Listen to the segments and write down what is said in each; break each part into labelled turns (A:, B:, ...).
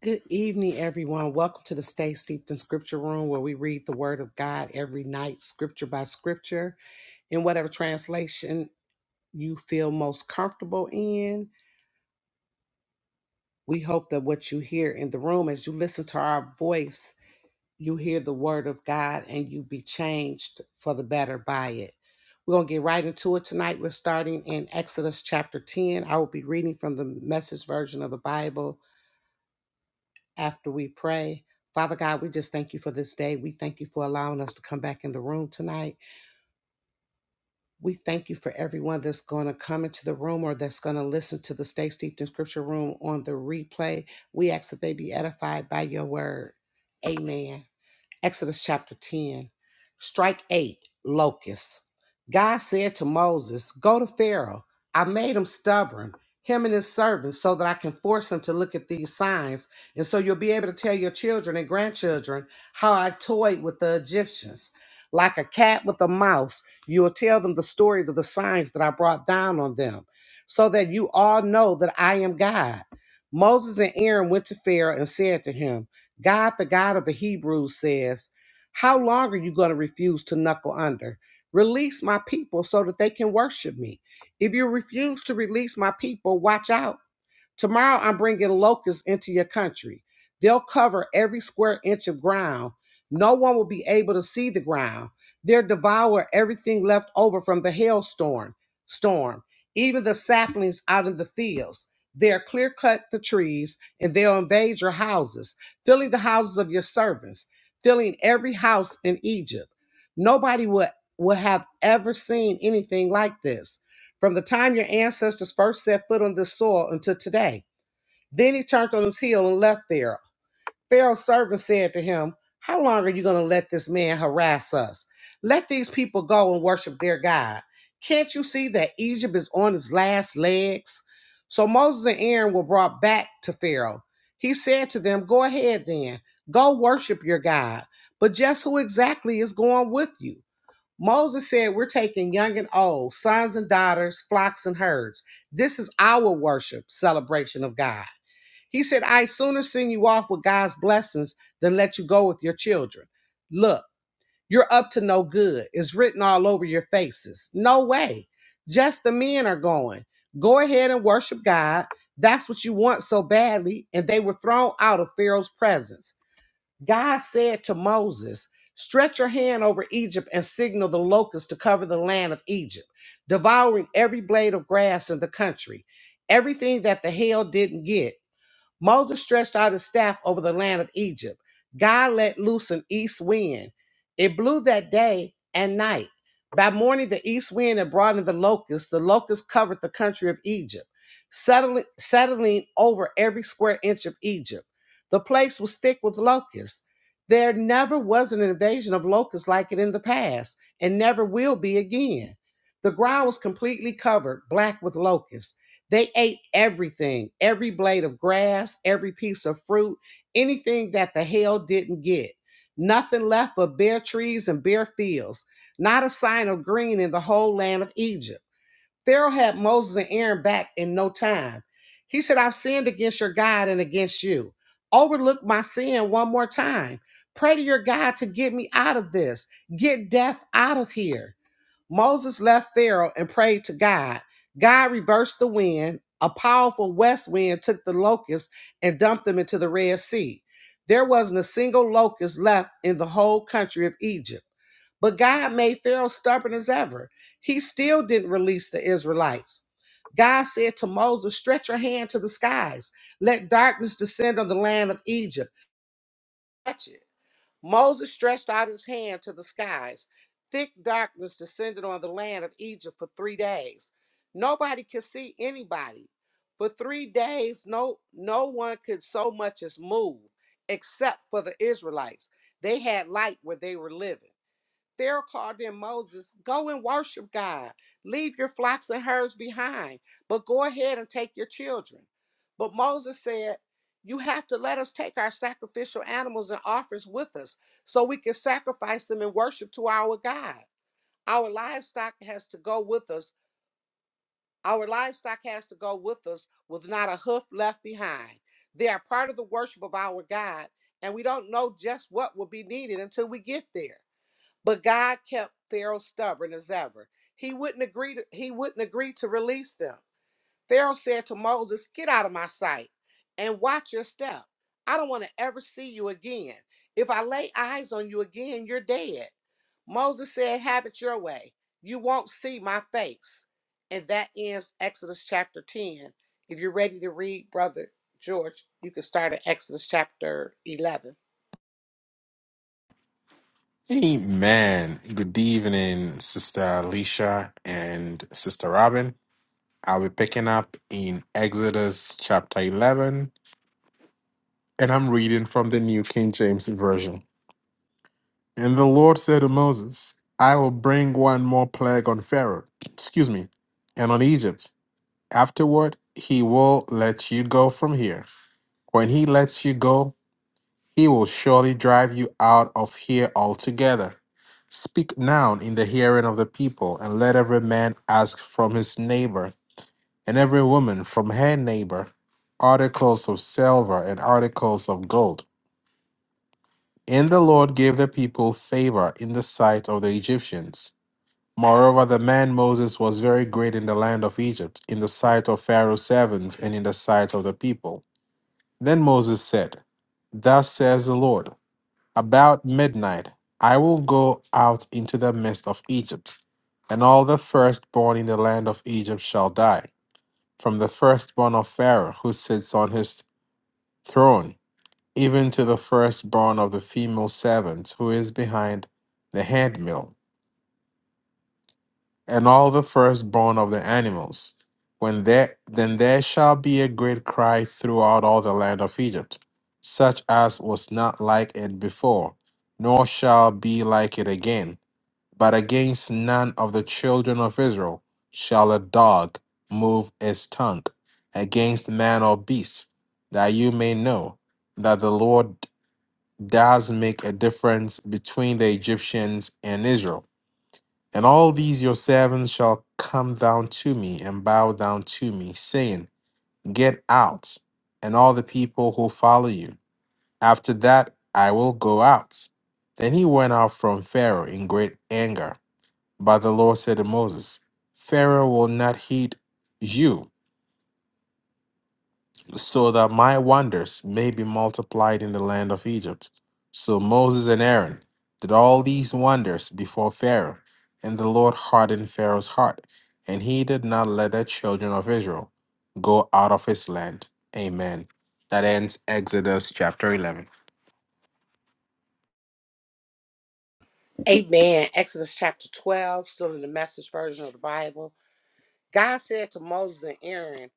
A: Good evening, everyone. Welcome to the Stay Steeped in Scripture Room, where we read the Word of God every night, scripture by scripture, in whatever translation you feel most comfortable in. We hope that what you hear in the room, as you listen to our voice, you hear the Word of God and you be changed for the better by it. We're going to get right into it tonight. We're starting in Exodus chapter 10. I will be reading from the message version of the Bible after we pray. Father God, we just thank you for this day. We thank you for allowing us to come back in the room tonight. We thank you for everyone that's going to come into the room or that's going to listen to the Stay Steeped in Scripture room on the replay. We ask that they be edified by your word. Amen. Exodus chapter 10. Strike 8 Locusts. God said to Moses, Go to Pharaoh. I made him stubborn, him and his servants, so that I can force him to look at these signs. And so you'll be able to tell your children and grandchildren how I toyed with the Egyptians. Like a cat with a mouse, you will tell them the stories of the signs that I brought down on them, so that you all know that I am God. Moses and Aaron went to Pharaoh and said to him, God, the God of the Hebrews, says, How long are you going to refuse to knuckle under? Release my people so that they can worship me. If you refuse to release my people, watch out. Tomorrow I'm bringing locusts into your country. They'll cover every square inch of ground. No one will be able to see the ground. They'll devour everything left over from the hailstorm, storm, even the saplings out in the fields. They'll clear cut the trees and they'll invade your houses, filling the houses of your servants, filling every house in Egypt. Nobody will, will have ever seen anything like this from the time your ancestors first set foot on this soil until today. Then he turned on his heel and left there. Pharaoh's servant said to him, How long are you going to let this man harass us? Let these people go and worship their God. Can't you see that Egypt is on its last legs? So Moses and Aaron were brought back to Pharaoh. He said to them, Go ahead then, go worship your God. But just who exactly is going with you? Moses said, We're taking young and old, sons and daughters, flocks and herds. This is our worship, celebration of God. He said, I sooner send you off with God's blessings than let you go with your children. Look, you're up to no good. It's written all over your faces. No way. Just the men are going. Go ahead and worship God. That's what you want so badly. And they were thrown out of Pharaoh's presence. God said to Moses, Stretch your hand over Egypt and signal the locusts to cover the land of Egypt, devouring every blade of grass in the country, everything that the hail didn't get. Moses stretched out his staff over the land of Egypt. God let loose an east wind. It blew that day and night. By morning, the east wind had brought in the locusts. The locusts covered the country of Egypt, settling, settling over every square inch of Egypt. The place was thick with locusts. There never was an invasion of locusts like it in the past, and never will be again. The ground was completely covered, black with locusts. They ate everything, every blade of grass, every piece of fruit, anything that the hail didn't get. Nothing left but bare trees and bare fields, not a sign of green in the whole land of Egypt. Pharaoh had Moses and Aaron back in no time. He said, I've sinned against your God and against you. Overlook my sin one more time. Pray to your God to get me out of this, get death out of here. Moses left Pharaoh and prayed to God. God reversed the wind. A powerful west wind took the locusts and dumped them into the Red Sea. There wasn't a single locust left in the whole country of Egypt. But God made Pharaoh stubborn as ever. He still didn't release the Israelites. God said to Moses, Stretch your hand to the skies, let darkness descend on the land of Egypt. Touch it. Moses stretched out his hand to the skies. Thick darkness descended on the land of Egypt for three days. Nobody could see anybody. For three days, no, no one could so much as move, except for the Israelites. They had light where they were living. Pharaoh called in Moses, Go and worship God. Leave your flocks and herds behind, but go ahead and take your children. But Moses said, You have to let us take our sacrificial animals and offerings with us so we can sacrifice them and worship to our God. Our livestock has to go with us. Our livestock has to go with us with not a hoof left behind. They are part of the worship of our God, and we don't know just what will be needed until we get there. But God kept Pharaoh stubborn as ever. He wouldn't agree to, he wouldn't agree to release them. Pharaoh said to Moses, "Get out of my sight and watch your step. I don't want to ever see you again. If I lay eyes on you again, you're dead." Moses said, "Have it your way. You won't see my face." And that ends Exodus chapter 10. If you're ready to read, brother George, you can start at Exodus chapter 11.
B: Amen. Good evening, Sister Alicia and Sister Robin. I'll be picking up in Exodus chapter 11, and I'm reading from the New King James Version. And the Lord said to Moses, I will bring one more plague on Pharaoh, excuse me, and on Egypt. Afterward, he will let you go from here. When he lets you go, He will surely drive you out of here altogether. Speak now in the hearing of the people, and let every man ask from his neighbor, and every woman from her neighbor, articles of silver and articles of gold. And the Lord gave the people favor in the sight of the Egyptians. Moreover, the man Moses was very great in the land of Egypt, in the sight of Pharaoh's servants, and in the sight of the people. Then Moses said, Thus says the Lord. About midnight, I will go out into the midst of Egypt, and all the firstborn in the land of Egypt shall die, from the firstborn of Pharaoh who sits on his throne, even to the firstborn of the female servant who is behind the handmill, and all the firstborn of the animals. When there, then there shall be a great cry throughout all the land of Egypt, such as was not like it before, nor shall be like it again but against none of the children of Israel shall a dog move its tongue against man or beast, that you may know that the Lord does make a difference between the Egyptians and Israel. And all these your servants shall come down to me and bow down to me, saying, Get out, and all the people who follow you. After that I will go out. Then he went out from Pharaoh in great anger but the Lord said to Moses, Pharaoh will not heed you, so that my wonders may be multiplied in the land of Egypt. So Moses and Aaron did all these wonders before Pharaoh, and the Lord hardened Pharaoh's heart, and he did not let the children of Israel go out of his land. Amen. That ends Exodus chapter 11.
A: Amen. Exodus chapter 12, still in the message version of the Bible. God said to Moses and Aaron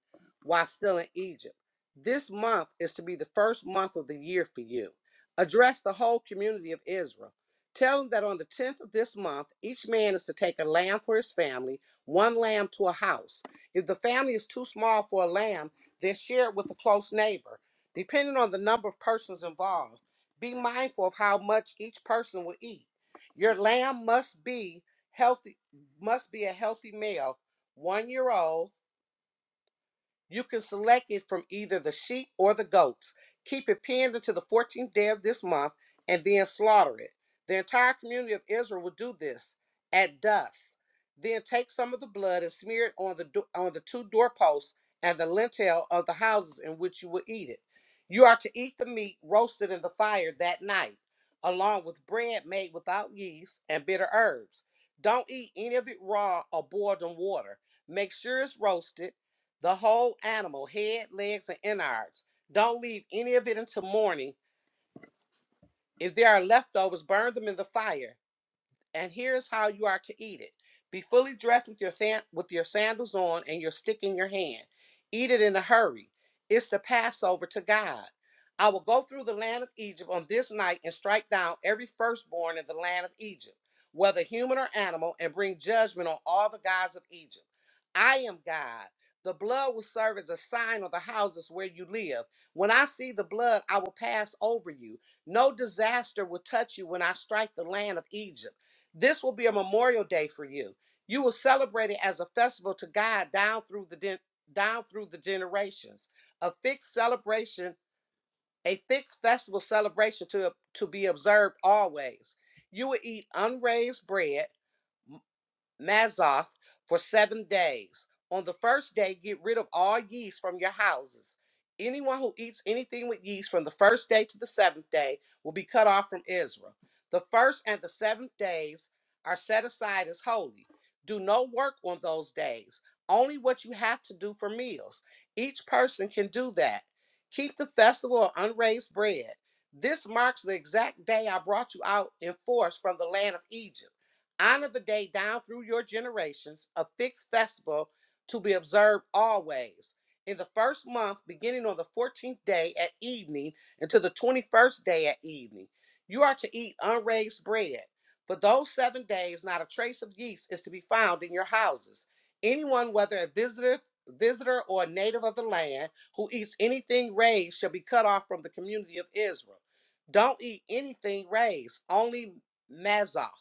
A: while still in Egypt, This month is to be the first month of the year for you. Address the whole community of Israel. Tell them that on the 10th of this month, each man is to take a lamb for his family, one lamb to a house. If the family is too small for a lamb, then share it with a close neighbor. Depending on the number of persons involved, be mindful of how much each person will eat. Your lamb must be healthy, must be a healthy male one year old you can select it from either the sheep or the goats. Keep it penned until the 14th day of this month and then slaughter it. The entire community of Israel will do this at dusk. Then take some of the blood and smear it on the do- on the two doorposts and the lintel of the houses in which you will eat it. You are to eat the meat roasted in the fire that night, along with bread made without yeast and bitter herbs. Don't eat any of it raw or boiled in water. Make sure it's roasted the whole animal, head, legs, and innards. Don't leave any of it until morning. If there are leftovers, burn them in the fire and here's how you are to eat it. Be fully dressed with your with your sandals on and your stick in your hand. Eat it in a hurry. It's the Passover to God. I will go through the land of Egypt on this night and strike down every firstborn in the land of Egypt, whether human or animal, and bring judgment on all the gods of Egypt. I am God. The blood will serve as a sign on the houses where you live. When I see the blood, I will pass over you. No disaster will touch you when I strike the land of Egypt. This will be a memorial day for you. You will celebrate it as a festival to God down through the gen- down through the generations. A fixed celebration, a fixed festival celebration to to be observed always. You will eat unraised bread, Mazoth for seven days. On the first day, get rid of all yeast from your houses. Anyone who eats anything with yeast from the first day to the seventh day will be cut off from Israel. The first and the seventh days are set aside as holy. Do no work on those days, only what you have to do for meals. Each person can do that. Keep the festival of unraised bread. This marks the exact day I brought you out in force from the land of Egypt. Honor the day down through your generations, a fixed festival to be observed always. In the first month, beginning on the 14th day at evening until the 21st day at evening, you are to eat unraised bread. For those seven days, not a trace of yeast is to be found in your houses. Anyone, whether a visitor, visitor or a native of the land, who eats anything raised shall be cut off from the community of Israel. Don't eat anything raised, only mazoth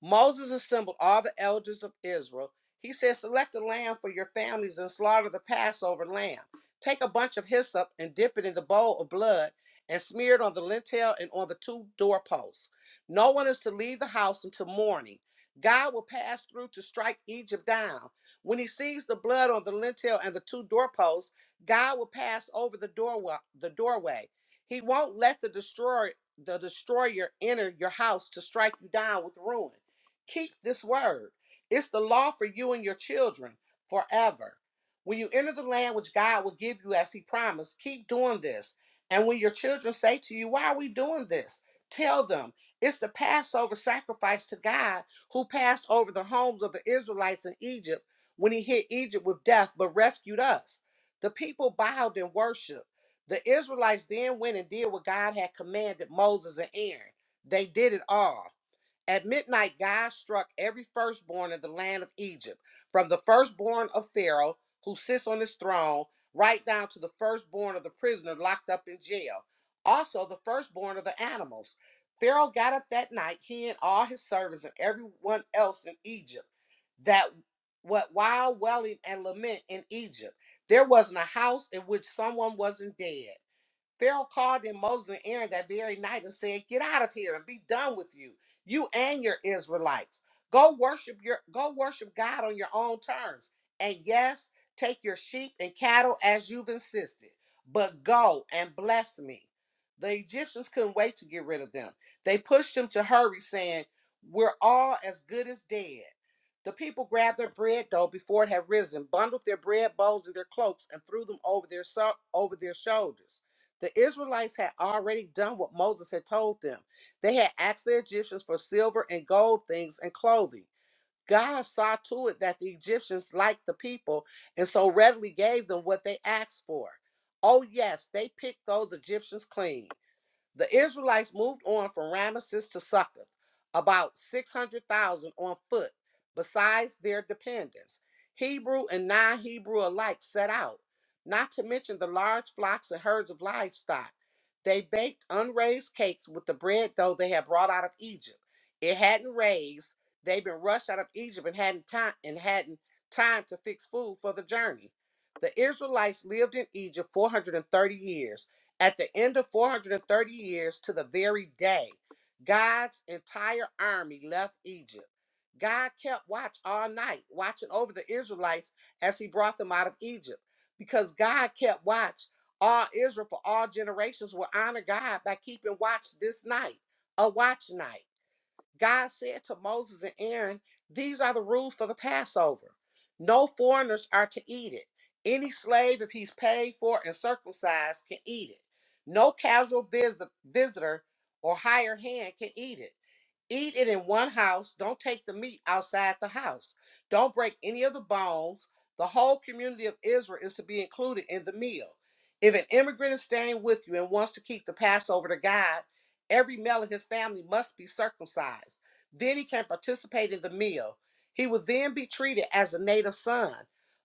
A: Moses assembled all the elders of Israel. He said, Select a lamb for your families and slaughter the Passover lamb. Take a bunch of hyssop and dip it in the bowl of blood and smear it on the lintel and on the two doorposts. No one is to leave the house until morning. God will pass through to strike Egypt down. When he sees the blood on the lintel and the two doorposts, God will pass over the doorway. The doorway. He won't let the destroyer, the destroyer enter your house to strike you down with ruin. Keep this word. It's the law for you and your children forever. When you enter the land which God will give you as he promised, keep doing this. And when your children say to you, Why are we doing this? Tell them it's the Passover sacrifice to God who passed over the homes of the Israelites in Egypt when he hit Egypt with death but rescued us. The people bowed and worshiped. The Israelites then went and did what God had commanded Moses and Aaron. They did it all. At midnight, God struck every firstborn in the land of Egypt, from the firstborn of Pharaoh, who sits on his throne, right down to the firstborn of the prisoner locked up in jail, also the firstborn of the animals. Pharaoh got up that night, he and all his servants and everyone else in Egypt, that what while wailing and lament in Egypt, there wasn't a house in which someone wasn't dead. Pharaoh called in Moses and Aaron that very night and said, Get out of here and be done with you, you and your Israelites. Go worship your go worship God on your own terms. And yes, take your sheep and cattle as you've insisted, but go and bless me. The Egyptians couldn't wait to get rid of them. They pushed him to hurry, saying, We're all as good as dead. The people grabbed their bread dough before it had risen, bundled their bread bowls and their cloaks, and threw them over their so- over their shoulders. The Israelites had already done what Moses had told them. They had asked the Egyptians for silver and gold things and clothing. God saw to it that the Egyptians liked the people and so readily gave them what they asked for. Oh, yes, they picked those Egyptians clean. The Israelites moved on from Ramesses to Succoth, about 600,000 on foot, besides their dependents. Hebrew and non Hebrew alike set out, not to mention the large flocks and herds of livestock. They baked unraised cakes with the bread dough they had brought out of Egypt. It hadn't raised. They'd been rushed out of Egypt and hadn't time and hadn't time to fix food for the journey. The Israelites lived in Egypt 430 years at the end of 430 years to the very day, God's entire army left Egypt. God kept watch all night, watching over the Israelites as he brought them out of Egypt. Because God kept watch, all Israel for all generations will honor God by keeping watch this night, a watch night. God said to Moses and Aaron, These are the rules for the Passover. No foreigners are to eat it. Any slave, if he's paid for and circumcised, can eat it. No casual visit- visitor or hired hand can eat it. Eat it in one house. Don't take the meat outside the house. Don't break any of the bones. The whole community of Israel is to be included in the meal. If an immigrant is staying with you and wants to keep the Passover to God, every male in his family must be circumcised. Then he can participate in the meal. He will then be treated as a native son,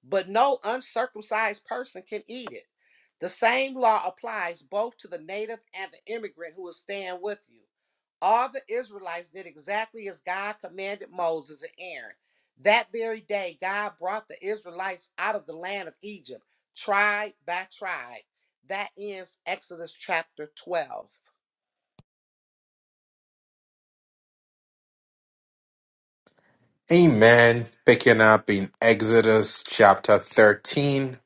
A: but no uncircumcised person can eat it. The same law applies both to the native and the immigrant who is staying with you. All the Israelites did exactly as God commanded Moses and Aaron. That very day, God brought the Israelites out of the land of Egypt, tribe by tribe. That ends Exodus chapter 12.
B: Amen. Picking up in Exodus chapter 13,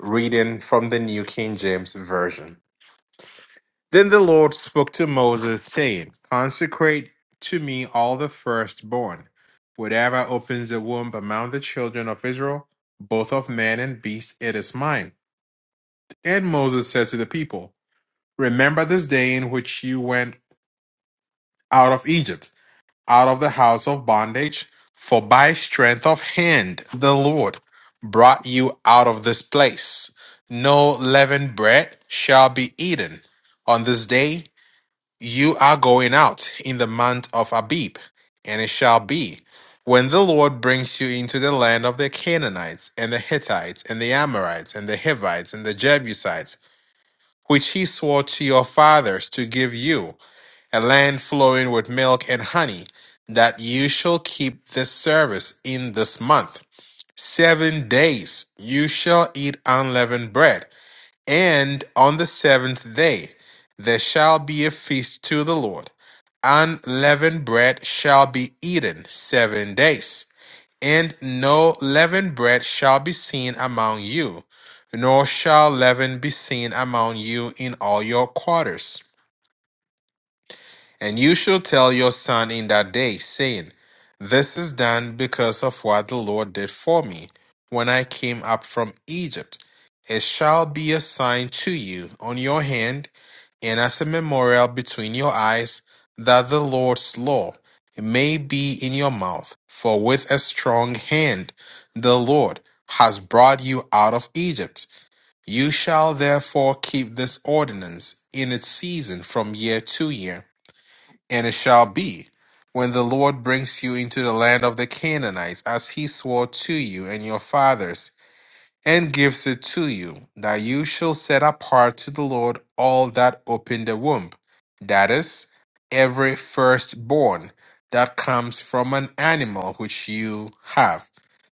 B: reading from the New King James Version. Then the Lord spoke to Moses, saying, Consecrate to me all the firstborn, whatever opens the womb among the children of Israel, both of man and beast, it is mine. And Moses said to the people, Remember this day in which you went out of Egypt, out of the house of bondage, for by strength of hand the Lord brought you out of this place. No leavened bread shall be eaten on this day You are going out in the month of Abib, and it shall be when the Lord brings you into the land of the Canaanites, and the Hittites, and the Amorites, and the Hivites, and the Jebusites, which he swore to your fathers to give you, a land flowing with milk and honey, that you shall keep this service in this month. Seven days you shall eat unleavened bread and on the seventh day there shall be a feast to the Lord. Unleavened bread shall be eaten seven days, and no leavened bread shall be seen among you, nor shall leaven be seen among you in all your quarters. And you shall tell your son in that day, saying, This is done because of what the Lord did for me when I came up from Egypt. It shall be a sign to you on your hand and as a memorial between your eyes, that the Lord's law may be in your mouth. For with a strong hand the Lord has brought you out of Egypt. You shall therefore keep this ordinance in its season from year to year. And it shall be, when the Lord brings you into the land of the Canaanites, as he swore to you and your fathers and gives it to you, that you shall set apart to the Lord all that open the womb, that is, every firstborn that comes from an animal which you have.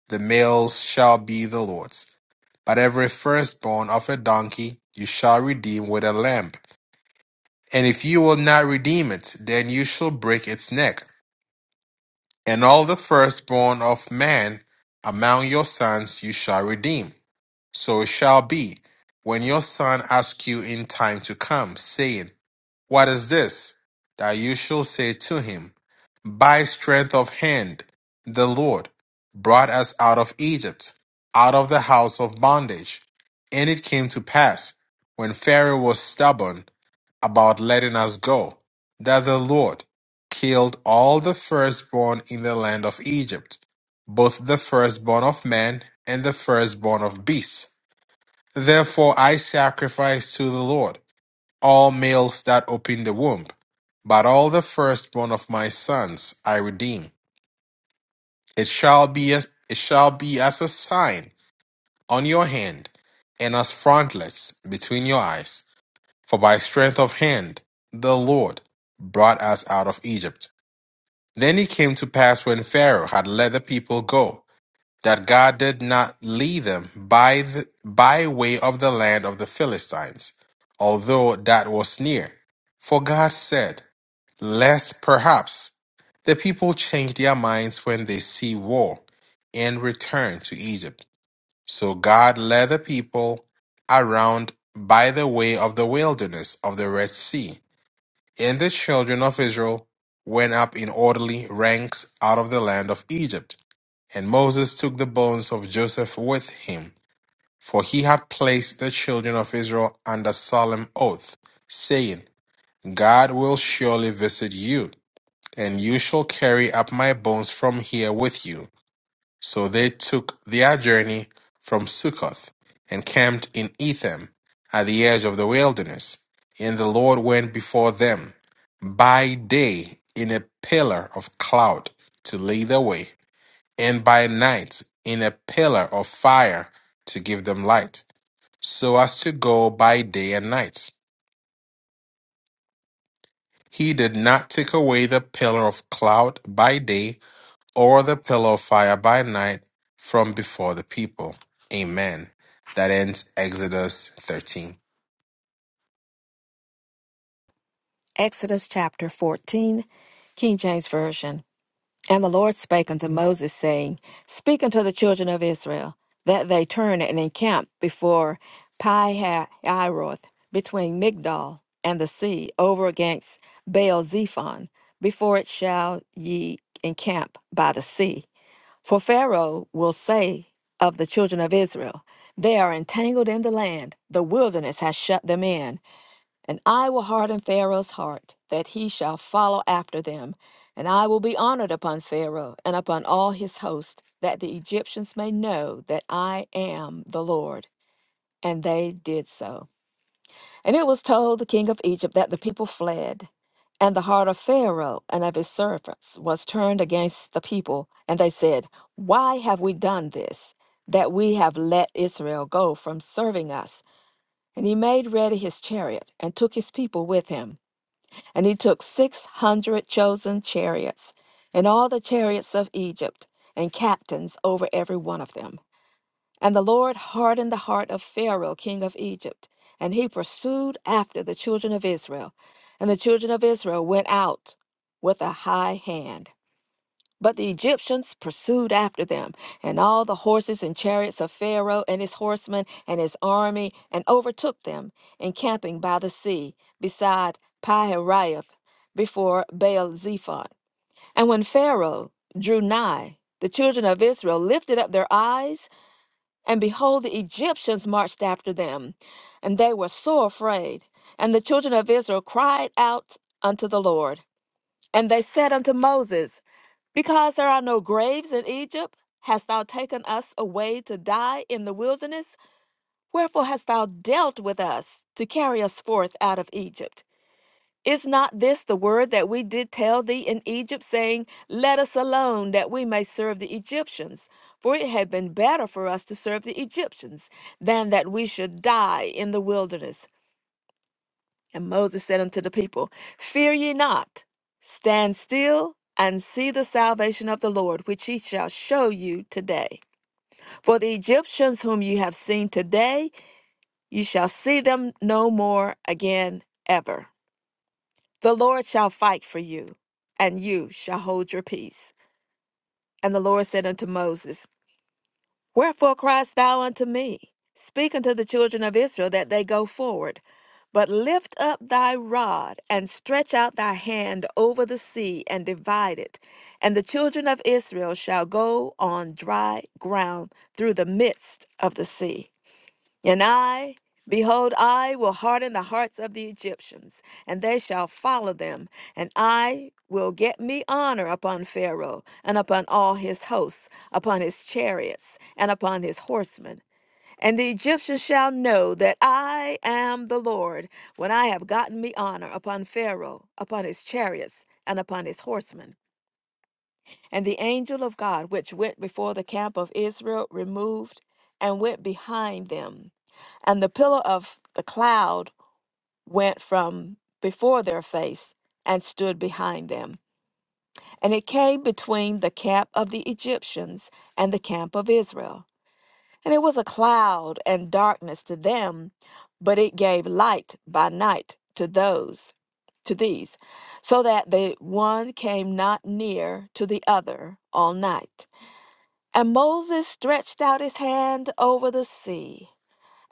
B: The males shall be the Lord's. But every firstborn of a donkey you shall redeem with a lamb. And if you will not redeem it, then you shall break its neck. And all the firstborn of man among your sons you shall redeem so it shall be when your son asks you in time to come, saying, What is this? That you shall say to him, By strength of hand, the Lord brought us out of Egypt, out of the house of bondage. And it came to pass, when Pharaoh was stubborn about letting us go, that the Lord killed all the firstborn in the land of Egypt, both the firstborn of man and the firstborn of beasts Therefore I sacrifice to the Lord all males that open the womb, but all the firstborn of my sons I redeem. It shall be as, it shall be as a sign on your hand and as frontlets between your eyes, for by strength of hand the Lord brought us out of Egypt. Then it came to pass when Pharaoh had let the people go that God did not lead them by the, by way of the land of the Philistines, although that was near. For God said, Lest perhaps the people change their minds when they see war and return to Egypt. So God led the people around by the way of the wilderness of the Red Sea and the children of Israel went up in orderly ranks out of the land of Egypt. And Moses took the bones of Joseph with him, for he had placed the children of Israel under solemn oath, saying, God will surely visit you, and you shall carry up my bones from here with you. So they took their journey from Succoth and camped in Etham at the edge of the wilderness. And the Lord went before them by day in a pillar of cloud to lead the way, and by night in a pillar of fire to give them light, so as to go by day and night. He did not take away the pillar of cloud by day or the pillar of fire by night from before the people. Amen. That ends Exodus 13.
C: Exodus chapter 14, King James Version. And the Lord spake unto Moses, saying, Speak unto the children of Israel, that they turn and encamp before Pihahiroth, between Migdol and the sea, over against Baal Zephon. Before it shall ye encamp by the sea. For Pharaoh will say of the children of Israel, They are entangled in the land, the wilderness has shut them in. And I will harden Pharaoh's heart, that he shall follow after them. And I will be honored upon Pharaoh and upon all his host, that the Egyptians may know that I am the Lord. And they did so. And it was told the king of Egypt that the people fled. And the heart of Pharaoh and of his servants was turned against the people. And they said, Why have we done this, that we have let Israel go from serving us? And he made ready his chariot and took his people with him. And he took six hundred chosen chariots, and all the chariots of Egypt, and captains over every one of them. And the Lord hardened the heart of Pharaoh, king of Egypt, and he pursued after the children of Israel. And the children of Israel went out with a high hand. But the Egyptians pursued after them, and all the horses and chariots of Pharaoh and his horsemen and his army, and overtook them, encamping by the sea, beside Pihiraoth, before Baal Zephon. And when Pharaoh drew nigh, the children of Israel lifted up their eyes, and behold, the Egyptians marched after them, and they were sore afraid. And the children of Israel cried out unto the Lord. And they said unto Moses, because there are no graves in Egypt, hast thou taken us away to die in the wilderness? Wherefore hast thou dealt with us to carry us forth out of Egypt? Is not this the word that we did tell thee in Egypt, saying, Let us alone, that we may serve the Egyptians? For it had been better for us to serve the Egyptians than that we should die in the wilderness. And Moses said unto the people, Fear ye not, stand still and see the salvation of the Lord, which he shall show you today. For the Egyptians whom ye have seen today, ye shall see them no more again ever. The Lord shall fight for you, and you shall hold your peace. And the Lord said unto Moses, Wherefore criest thou unto me? Speak unto the children of Israel that they go forward. But lift up thy rod and stretch out thy hand over the sea and divide it, and the children of Israel shall go on dry ground through the midst of the sea. And I, behold, I will harden the hearts of the Egyptians, and they shall follow them. And I will get me honor upon Pharaoh, and upon all his hosts, upon his chariots, and upon his horsemen. And the Egyptians shall know that I am the Lord, when I have gotten me honor upon Pharaoh, upon his chariots, and upon his horsemen. And the angel of God, which went before the camp of Israel, removed and went behind them. And the pillar of the cloud went from before their face and stood behind them. And it came between the camp of the Egyptians and the camp of Israel. And it was a cloud and darkness to them, but it gave light by night to those, to these, so that the one came not near to the other all night. And Moses stretched out his hand over the sea,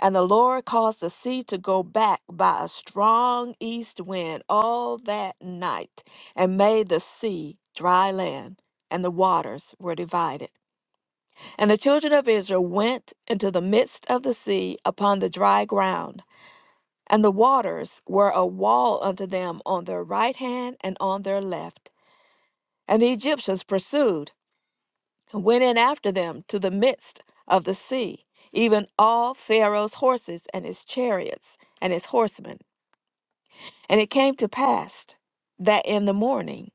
C: and the Lord caused the sea to go back by a strong east wind all that night, and made the sea dry land, and the waters were divided. And the children of Israel went into the midst of the sea upon the dry ground, and the waters were a wall unto them on their right hand and on their left. And the Egyptians pursued. and went in after them to the midst of the sea, even all Pharaoh's horses and his chariots and his horsemen. And it came to pass that in the morning,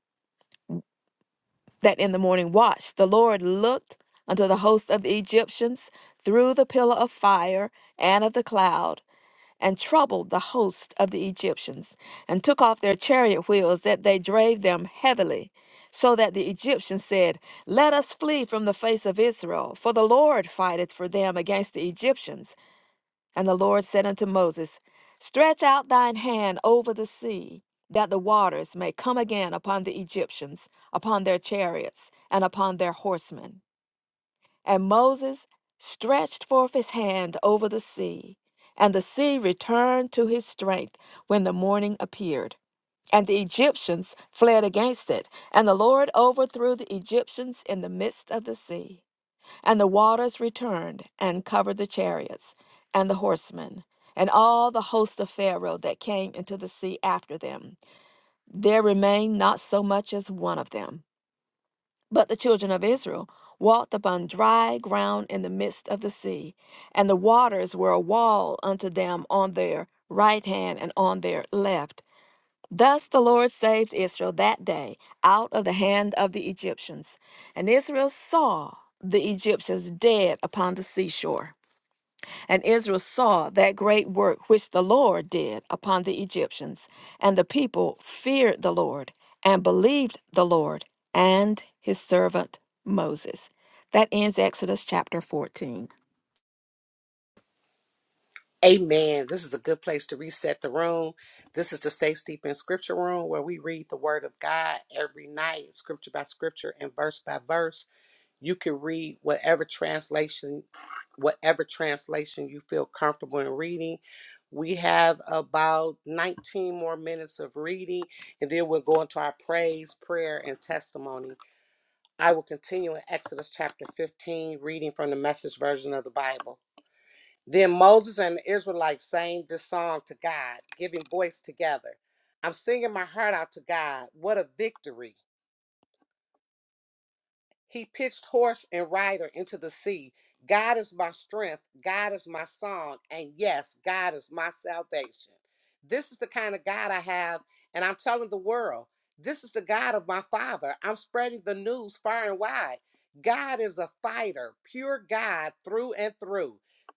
C: that in the morning watch, the Lord looked unto the host of the Egyptians through the pillar of fire and of the cloud and troubled the host of the Egyptians, and took off their chariot wheels, that they drave them heavily. So that the Egyptians said, Let us flee from the face of Israel, for the Lord fighteth for them against the Egyptians. And the Lord said unto Moses, Stretch out thine hand over the sea, that the waters may come again upon the Egyptians, upon their chariots, and upon their horsemen. And Moses stretched forth his hand over the sea, and the sea returned to his strength when the morning appeared. And the Egyptians fled against it, and the Lord overthrew the Egyptians in the midst of the sea. And the waters returned and covered the chariots and the horsemen and all the host of Pharaoh that came into the sea after them. There remained not so much as one of them. But the children of Israel walked upon dry ground in the midst of the sea, and the waters were a wall unto them on their right hand and on their left. Thus the Lord saved Israel that day out of the hand of the Egyptians. And Israel saw the Egyptians dead upon the seashore. And Israel saw that great work which the Lord did upon the Egyptians, and the people feared the Lord and believed the Lord and his servant Moses. That ends Exodus chapter 14.
A: Amen. This is a good place to reset the room. This is the Stay Steep in Scripture room where we read the Word of God every night, scripture by scripture and verse by verse. You can read whatever translation, whatever translation you feel comfortable in reading. We have about 19 more minutes of reading, and then we'll go into our praise, prayer, and testimony. I will continue in Exodus chapter 15, reading from the message version of the Bible. Then Moses and the Israelites sang this song to God, giving voice together. I'm singing my heart out to God. What a victory! He pitched horse and rider into the sea. God is my strength. God is my song. And yes, God is my salvation. This is the kind of God I have. And I'm telling the world, this is the God of my father. I'm spreading the news far and wide. God is a fighter, pure God through and through.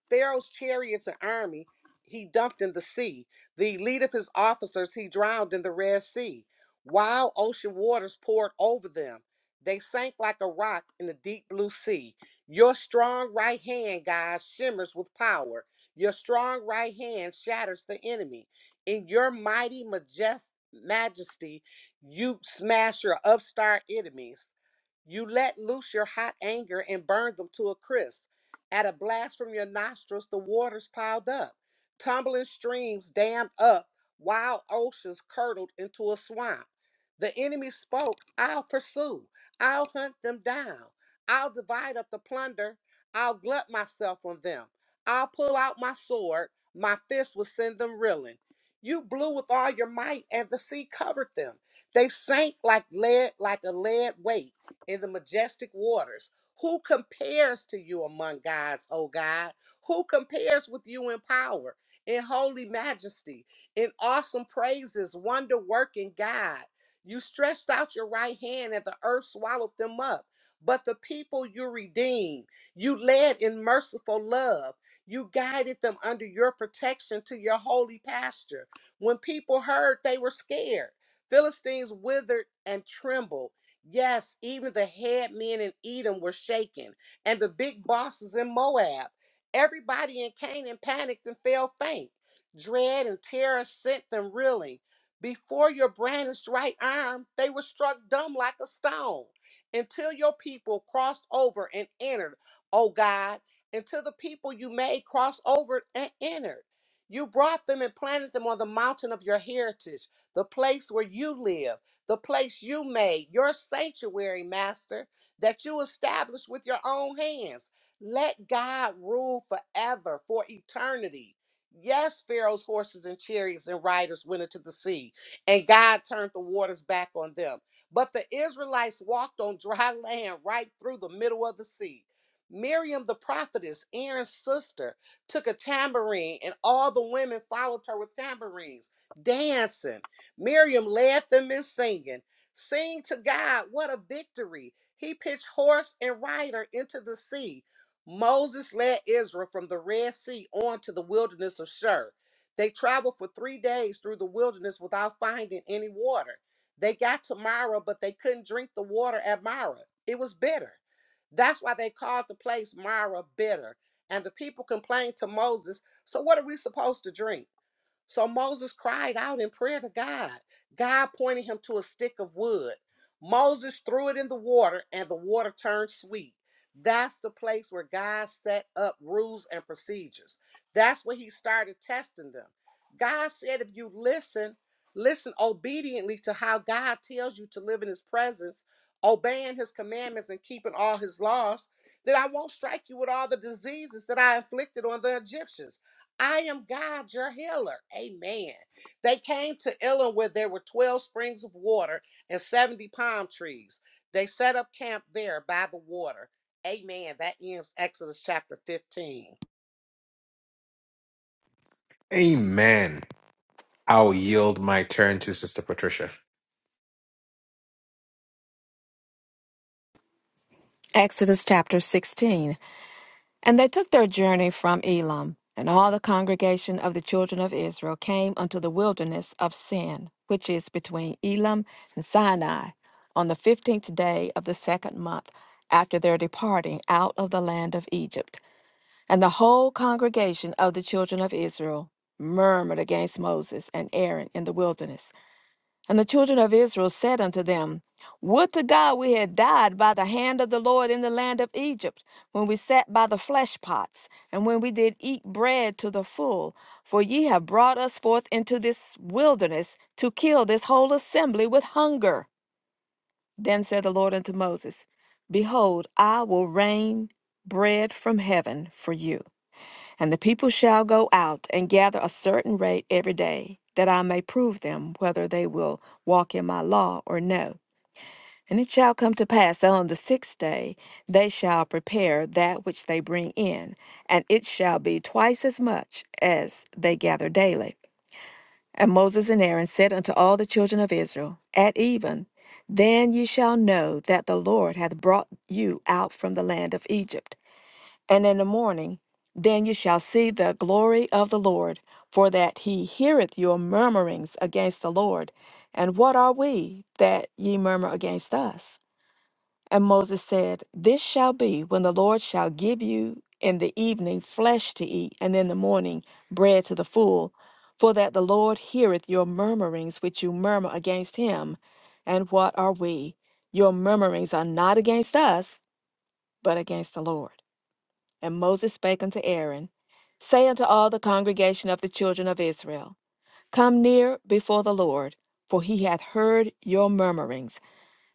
A: Pharaoh's chariots and army he dumped in the sea. The elite of his officers he drowned in the Red Sea. Wild ocean waters poured over them they sank like a rock in the deep blue sea. Your strong right hand, God, shimmers with power. Your strong right hand shatters the enemy. In your mighty majest- majesty, you smash your upstart enemies. You let loose your hot anger and burn them to a crisp. At a blast from your nostrils, the waters piled up. Tumbling streams dammed up, wild oceans curdled into a swamp. The enemy spoke, I'll pursue. I'll hunt them down. I'll divide up the plunder. I'll glut myself on them. I'll pull out my sword. My fist will send them reeling. You blew with all your might, and the sea covered them. They sank like lead, like a lead weight in the majestic waters. Who compares to you among gods, O God? Who compares with you in power, in holy majesty, in awesome praises, wonder working God? You stretched out your right hand, and the earth swallowed them up. But the people you redeemed, you led in merciful love. You guided them under your protection to your holy pasture. When people heard, they were scared. Philistines withered and trembled. Yes, even the head men in Edom were shaken, and the big bosses in Moab. Everybody in Canaan panicked and fell faint. Dread and terror sent them reeling. Before your brandished right arm, they were struck dumb like a stone until your people crossed over and entered, O God, until the people you made crossed over and entered. You brought them and planted them on the mountain of your heritage, the place where you live, the place you made, your sanctuary, Master, that you established with your own hands. Let God rule forever, for eternity. Yes, Pharaoh's horses and chariots and riders went into the sea and God turned the waters back on them. But the Israelites walked on dry land right through the middle of the sea. Miriam the prophetess, Aaron's sister, took a tambourine, and all the women followed her with tambourines, dancing. Miriam led them in singing. Sing to God, what a victory! He pitched horse and rider into the sea. Moses led Israel from the Red Sea on to the wilderness of Shur. They traveled for three days through the wilderness without finding any water. They got to Mara, but they couldn't drink the water at Mara. It was bitter. That's why they called the place Mara bitter. And the people complained to Moses, So what are we supposed to drink? So Moses cried out in prayer to God. God pointed him to a stick of wood. Moses threw it in the water, and the water turned sweet. That's the place where God set up rules and procedures. That's where he started testing them. God said, if you listen, listen obediently to how God tells you to live in his presence, obeying his commandments and keeping all his laws, then I won't strike you with all the diseases that I inflicted on the Egyptians. I am God, your healer. Amen. They came to Elim, where there were 12 springs of water and 70 palm trees. They set up camp there by the water. Amen. That ends Exodus chapter 15.
B: Amen. I'll yield my turn to Sister Patricia.
C: Exodus chapter 16. And they took their journey from Elam, and all the congregation of the children of Israel came unto the wilderness of Sin, which is between Elam and Sinai, on the fifteenth day of the second month after their departing out of the land of Egypt. And the whole congregation of the children of Israel murmured against Moses and Aaron in the wilderness. And the children of Israel said unto them, Would to God we had died by the hand of the Lord in the land of Egypt, when we sat by the flesh pots, and when we did eat bread to the full. For ye have brought us forth into this wilderness to kill this whole assembly with hunger. Then said the Lord unto Moses, Behold, I will rain bread from heaven for you. And the people shall go out and gather a certain rate every day, that I may prove them whether they will walk in my law or no. And it shall come to pass that on the sixth day they shall prepare that which they bring in, and it shall be twice as much as they gather daily. And Moses and Aaron said unto all the children of Israel, At even, then ye shall know that the Lord hath brought you out from the land of Egypt and in the morning. Then you shall see the glory of the Lord, for that he heareth your murmurings against the Lord. And what are we that ye murmur against us? And Moses said, This shall be when the Lord shall give you in the evening flesh to eat, and in the morning bread to the full, for that the Lord heareth your murmurings which you murmur against him. And what are we? Your murmurings are not against us, but against the Lord. And Moses spake unto Aaron, Say unto all the congregation of the children of Israel, Come near before the Lord, for he hath heard your murmurings.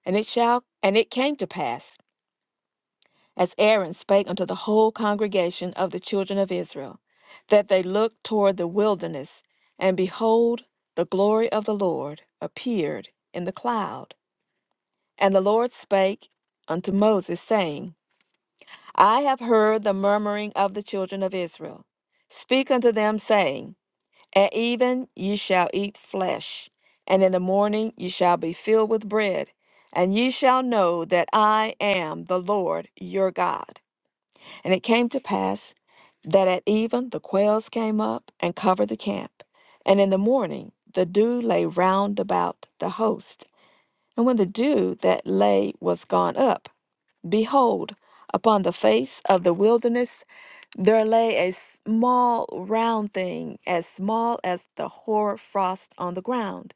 C: And it shall and it came to pass, as Aaron spake unto the whole congregation of the children of Israel, that they looked toward the wilderness, and behold, the glory of the Lord appeared in the cloud. And the Lord spake unto Moses, saying, I have heard the murmuring of the children of Israel. Speak unto them, saying, At even ye shall eat flesh, and in the morning ye shall be filled with bread, and ye shall know that I am the Lord your God. And it came to pass that at even the quails came up and covered the camp, and in the morning the dew lay round about the host. And when the dew that lay was gone up, behold, upon the face of the wilderness there lay a small round thing, as small as the hoar frost on the ground.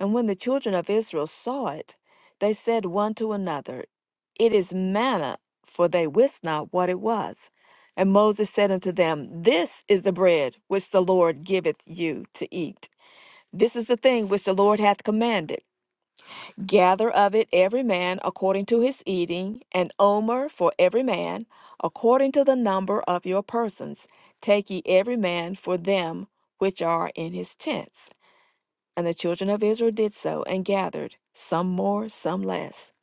C: And when the children of Israel saw it, they said one to another, It is manna, for they wist not what it was. And Moses said unto them, This is the bread which the Lord giveth you to eat. This is the thing which the Lord hath commanded Gather of it every man according to his eating, an omer for every man, according to the number of your persons. Take ye every man for them which are in his tents. And the children of Israel did so, and gathered, some more, some less.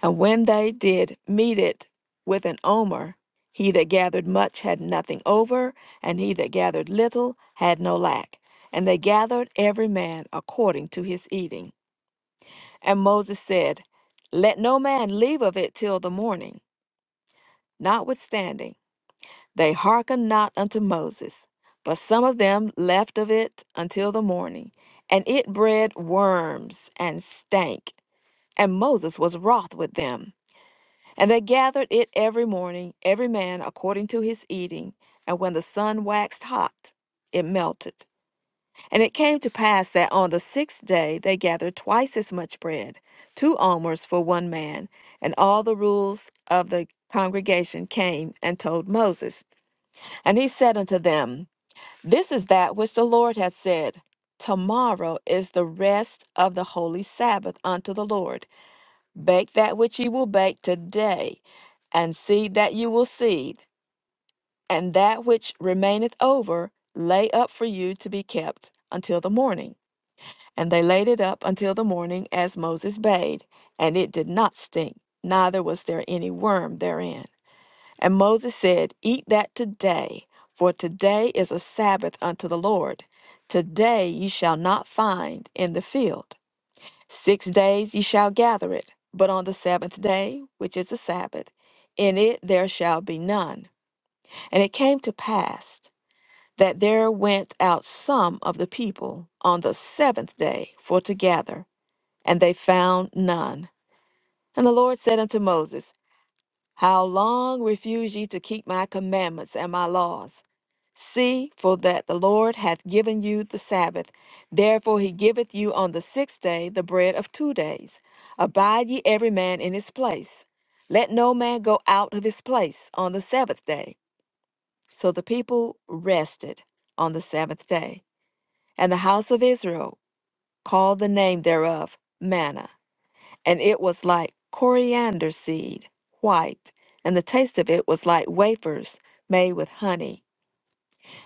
C: And when they did meet it with an omer, he that gathered much had nothing over, and he that gathered little had no lack. And they gathered every man according to his eating. And Moses said, Let no man leave of it till the morning. Notwithstanding, they hearkened not unto Moses, but some of them left of it until the morning. And it bred worms and stank. And Moses was wroth with them. And they gathered it every morning, every man according to his eating. And when the sun waxed hot, it melted. And it came to pass that on the sixth day they gathered twice as much bread, two almers for one man. And all the rules of the congregation came and told Moses. And he said unto them, This is that which the Lord hath said. Tomorrow is the rest of the holy Sabbath unto the Lord. Bake that which ye will bake today, and seed that you will seed, and that which remaineth over lay up for you to be kept until the morning. And they laid it up until the morning as Moses bade, and it did not stink, neither was there any worm therein. And Moses said, Eat that today, for today is a Sabbath unto the Lord. Today ye shall not find in the field. Six days ye shall gather it, but on the seventh day, which is a Sabbath, in it there shall be none. And it came to pass that there went out some of the people on the seventh day for to gather and they found none. And the Lord said unto Moses, How long refuse ye to keep my commandments and my laws? See, for that the Lord hath given you the Sabbath. Therefore he giveth you on the sixth day the bread of two days. Abide ye every man in his place. Let no man go out of his place on the Sabbath day. So the people rested on the Sabbath day. And the house of Israel called the name thereof manna and it was like coriander seed, white, and the taste of it was like wafers made with honey.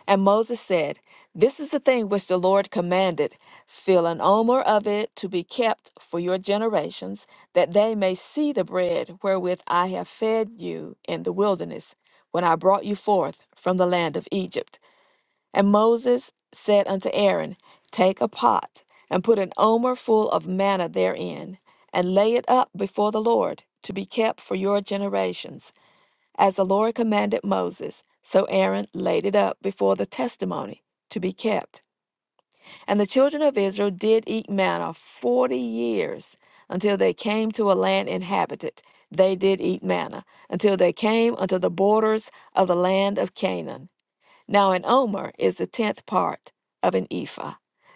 C: And Moses said, This is the thing which the Lord commanded. Fill an omer of it to be kept for your generations, that they may see the bread wherewith I have fed you in the wilderness, when I brought you forth from the land of Egypt. And Moses said unto Aaron, Take a pot, and put an omer full of manna therein, and lay it up before the Lord, to be kept for your generations. As the Lord commanded Moses, so Aaron laid it up before the testimony, to be kept. And the children of Israel did eat manna forty years, until they came to a land inhabited. They did eat manna, until they came unto the borders of the land of Canaan. Now, an omer is the tenth part of an ephah.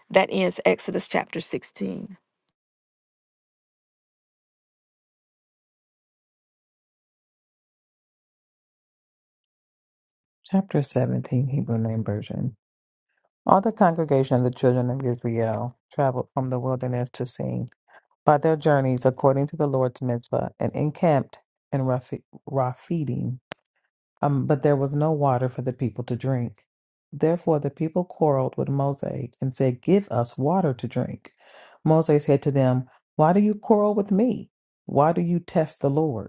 C: That ends Exodus chapter 16.
D: Chapter 17, Hebrew Name Version. All the congregation of the children of Israel traveled from the wilderness to Sin by their journeys according to the Lord's mitzvah and encamped in Raphi- Raphidim. Um, but there was no water for the people to drink. Therefore the people quarreled with Moses and said, Give us water to drink. Moses said to them, Why do you quarrel with me? Why do you test the Lord?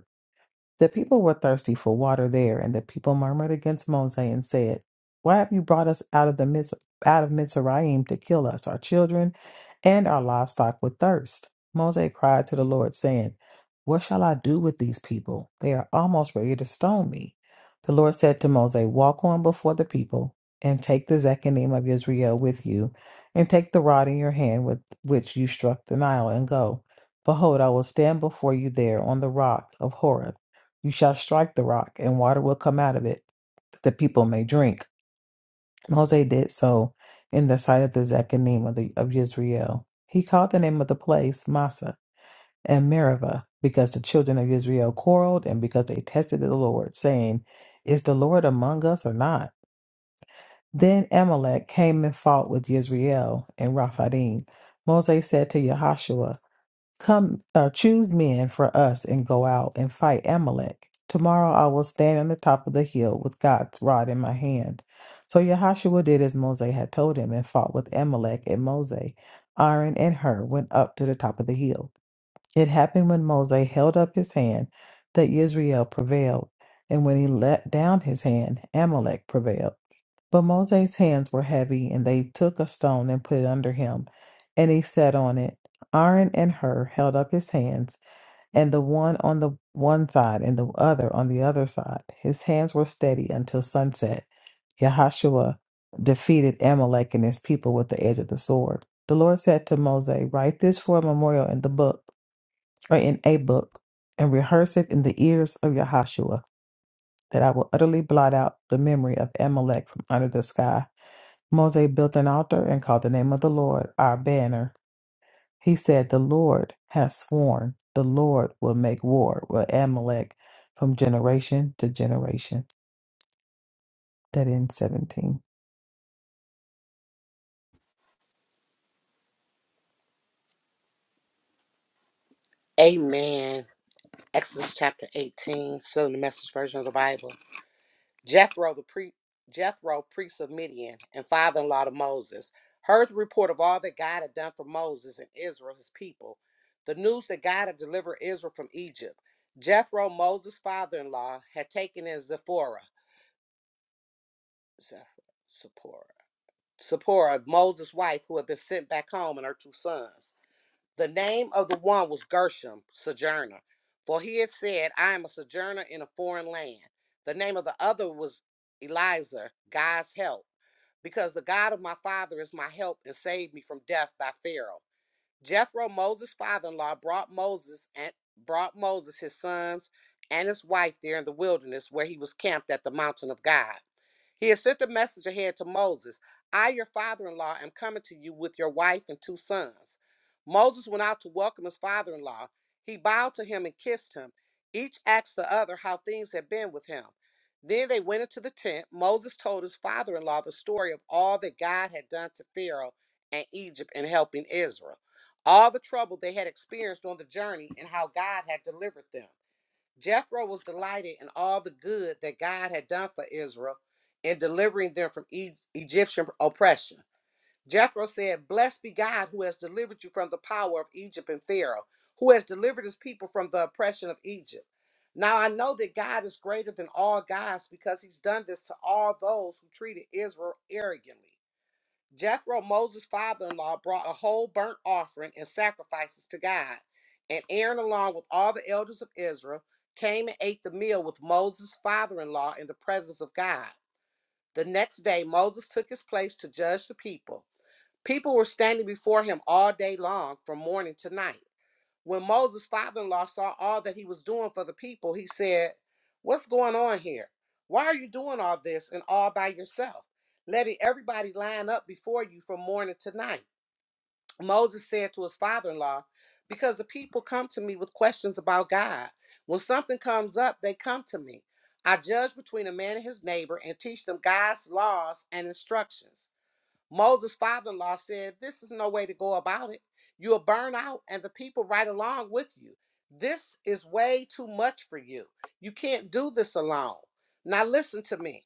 D: The people were thirsty for water there, and the people murmured against Moses and said, Why have you brought us out of the midst, out of Mizraim to kill us, our children, and our livestock with thirst? Moses cried to the Lord, saying, What shall I do with these people? They are almost ready to stone me. The Lord said to Moses, Walk on before the people, and take the Zechanim of Israel with you, and take the rod in your hand with which you struck the Nile, and go. Behold, I will stand before you there on the rock of Horeb you shall strike the rock, and water will come out of it, that the people may drink. Moses did so in the sight of the Zechanim of, the, of Israel. He called the name of the place Massa and Meribah, because the children of Israel quarreled, and because they tested the Lord, saying, Is the Lord among us or not? Then Amalek came and fought with Israel and Raphadim. Moses said to Yahashua, Come, uh, choose men for us and go out and fight Amalek. Tomorrow I will stand on the top of the hill with God's rod in my hand. So Yahashua did as Moses had told him and fought with Amalek. And Moses, Aaron, and Hur went up to the top of the hill. It happened when Moses held up his hand that Israel prevailed, and when he let down his hand, Amalek prevailed. But Moses' hands were heavy, and they took a stone and put it under him, and he sat on it. Aaron and Hur held up his hands, and the one on the one side and the other on the other side. His hands were steady until sunset. Yahashua defeated Amalek and his people with the edge of the sword. The Lord said to Moses, Write this for a memorial in the book, or in a book, and rehearse it in the ears of Yahashua, that I will utterly blot out the memory of Amalek from under the sky. Moses built an altar and called the name of the Lord our banner. He said, The Lord has sworn, the Lord will make war with Amalek from generation to generation. That ends 17.
A: Amen. Exodus chapter 18, still in the message version of the Bible. Jethro, the pre- Jethro, priest of Midian and father-in-law to Moses, heard the report of all that God had done for Moses and Israel, his people, the news that God had delivered Israel from Egypt. Jethro, Moses' father-in-law, had taken in Zipporah, Zipporah, Zipporah, Moses' wife, who had been sent back home, and her two sons. The name of the one was Gershom, sojourner, for he had said, "I am a sojourner in a foreign land." The name of the other was Eliza, God's help because the God of my father is my help and saved me from death by Pharaoh. Jethro, Moses' father-in-law, brought Moses and brought Moses his sons and his wife there in the wilderness where he was camped at the mountain of God. He had sent a message ahead to Moses I, your father in law, am coming to you with your wife and two sons. Moses went out to welcome his father in law. He bowed to him and kissed him. Each asked the other how things had been with him. Then they went into the tent. Moses told his father in law the story of all that God had done to Pharaoh and Egypt in helping Israel, all the trouble they had experienced on the journey, and how God had delivered them. Jethro was delighted in all the good that God had done for Israel in delivering them from E- Egyptian oppression. Jethro said, Blessed be God who has delivered you from the power of Egypt and Pharaoh, who has delivered his people from the oppression of Egypt. Now I know that God is greater than all gods because he's done this to all those who treated Israel arrogantly. Jethro, Moses' father in law, brought a whole burnt offering and sacrifices to God. And Aaron, along with all the elders of Israel, came and ate the meal with Moses' father in law in the presence of God. The next day, Moses took his place to judge the people. People were standing before him all day long, from morning to night. When Moses' father in law saw all that he was doing for the people, he said, What's going on here? Why are you doing all this and all by yourself? Letting everybody line up before you from morning to night. Moses said to his father in law, Because the people come to me with questions about God. When something comes up, they come to me. I judge between a man and his neighbor and teach them God's laws and instructions. Moses' father in law said, This is no way to go about it. You'll burn out and the people right along with you. This is way too much for you. You can't do this alone. Now, listen to me.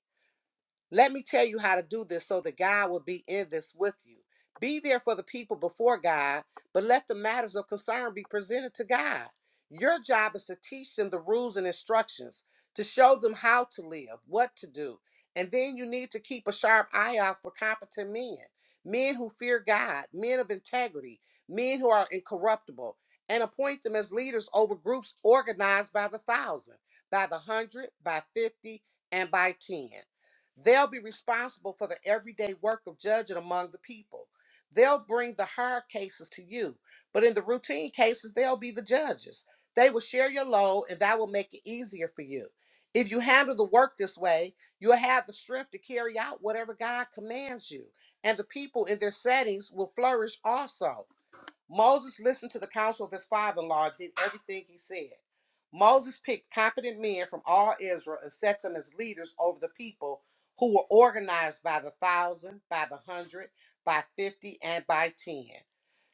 A: Let me tell you how to do this so that God will be in this with you. Be there for the people before God, but let the matters of concern be presented to God. Your job is to teach them the rules and instructions, to show them how to live, what to do. And then you need to keep a sharp eye out for competent men, men who fear God, men of integrity, men who are incorruptible, and appoint them as leaders over groups organized by the thousand, by the hundred, by fifty, and by ten. They'll be responsible for the everyday work of judging among the people. They'll bring the hard cases to you, but in the routine cases, they'll be the judges. They will share your load, and that will make it easier for you. If you handle the work this way, you'll have the strength to carry out whatever God commands you, and the people in their settings will flourish also. Moses listened to the counsel of his father in law and did everything he said. Moses picked competent men from all Israel and set them as leaders over the people who were organized by the thousand, by the hundred, by fifty, and by ten.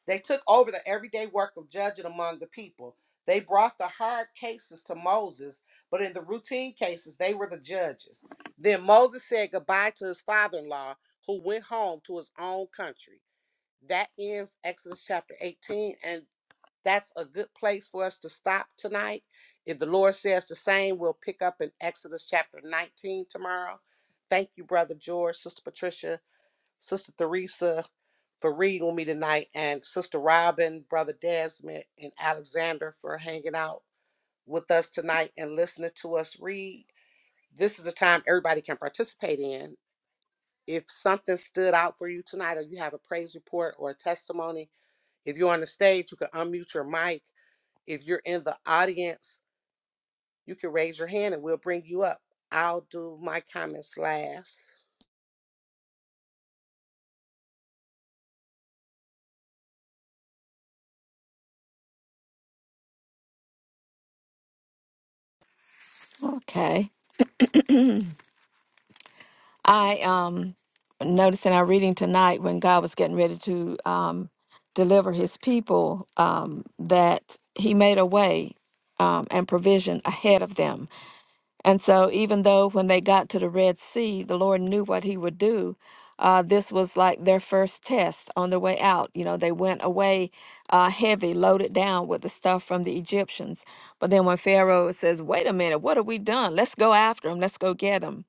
A: They took over the everyday work of judging among the people. They brought the hard cases to Moses, but in the routine cases, they were the judges. Then Moses said goodbye to his father in law, who went home to his own country that ends Exodus chapter 18, and that's a good place for us to stop tonight. If the Lord says the same, we'll pick up in Exodus chapter 19 tomorrow. Thank you, Brother George, Sister Patricia, Sister Theresa for reading with me tonight, and Sister Robin, Brother Desmond, and Alexander for hanging out with us tonight and listening to us read. This is a time everybody can participate in. If something stood out for you tonight, or you have a praise report or a testimony, if you're on the stage, you can unmute your mic. If you're in the audience, you can raise your hand and we'll bring you up. I'll do my comments last.
C: Okay. I um noticed in our reading tonight when God was getting ready to um, deliver his people um, that he made a way um, and provision ahead of them And so, even though when they got to the Red Sea, the Lord knew what He would do, uh, this was like their first test on their way out. You know, they went away uh, heavy, loaded down with the stuff from the Egyptians. But then, when Pharaoh says, Wait a minute, what have we done? Let's go after them, let's go get them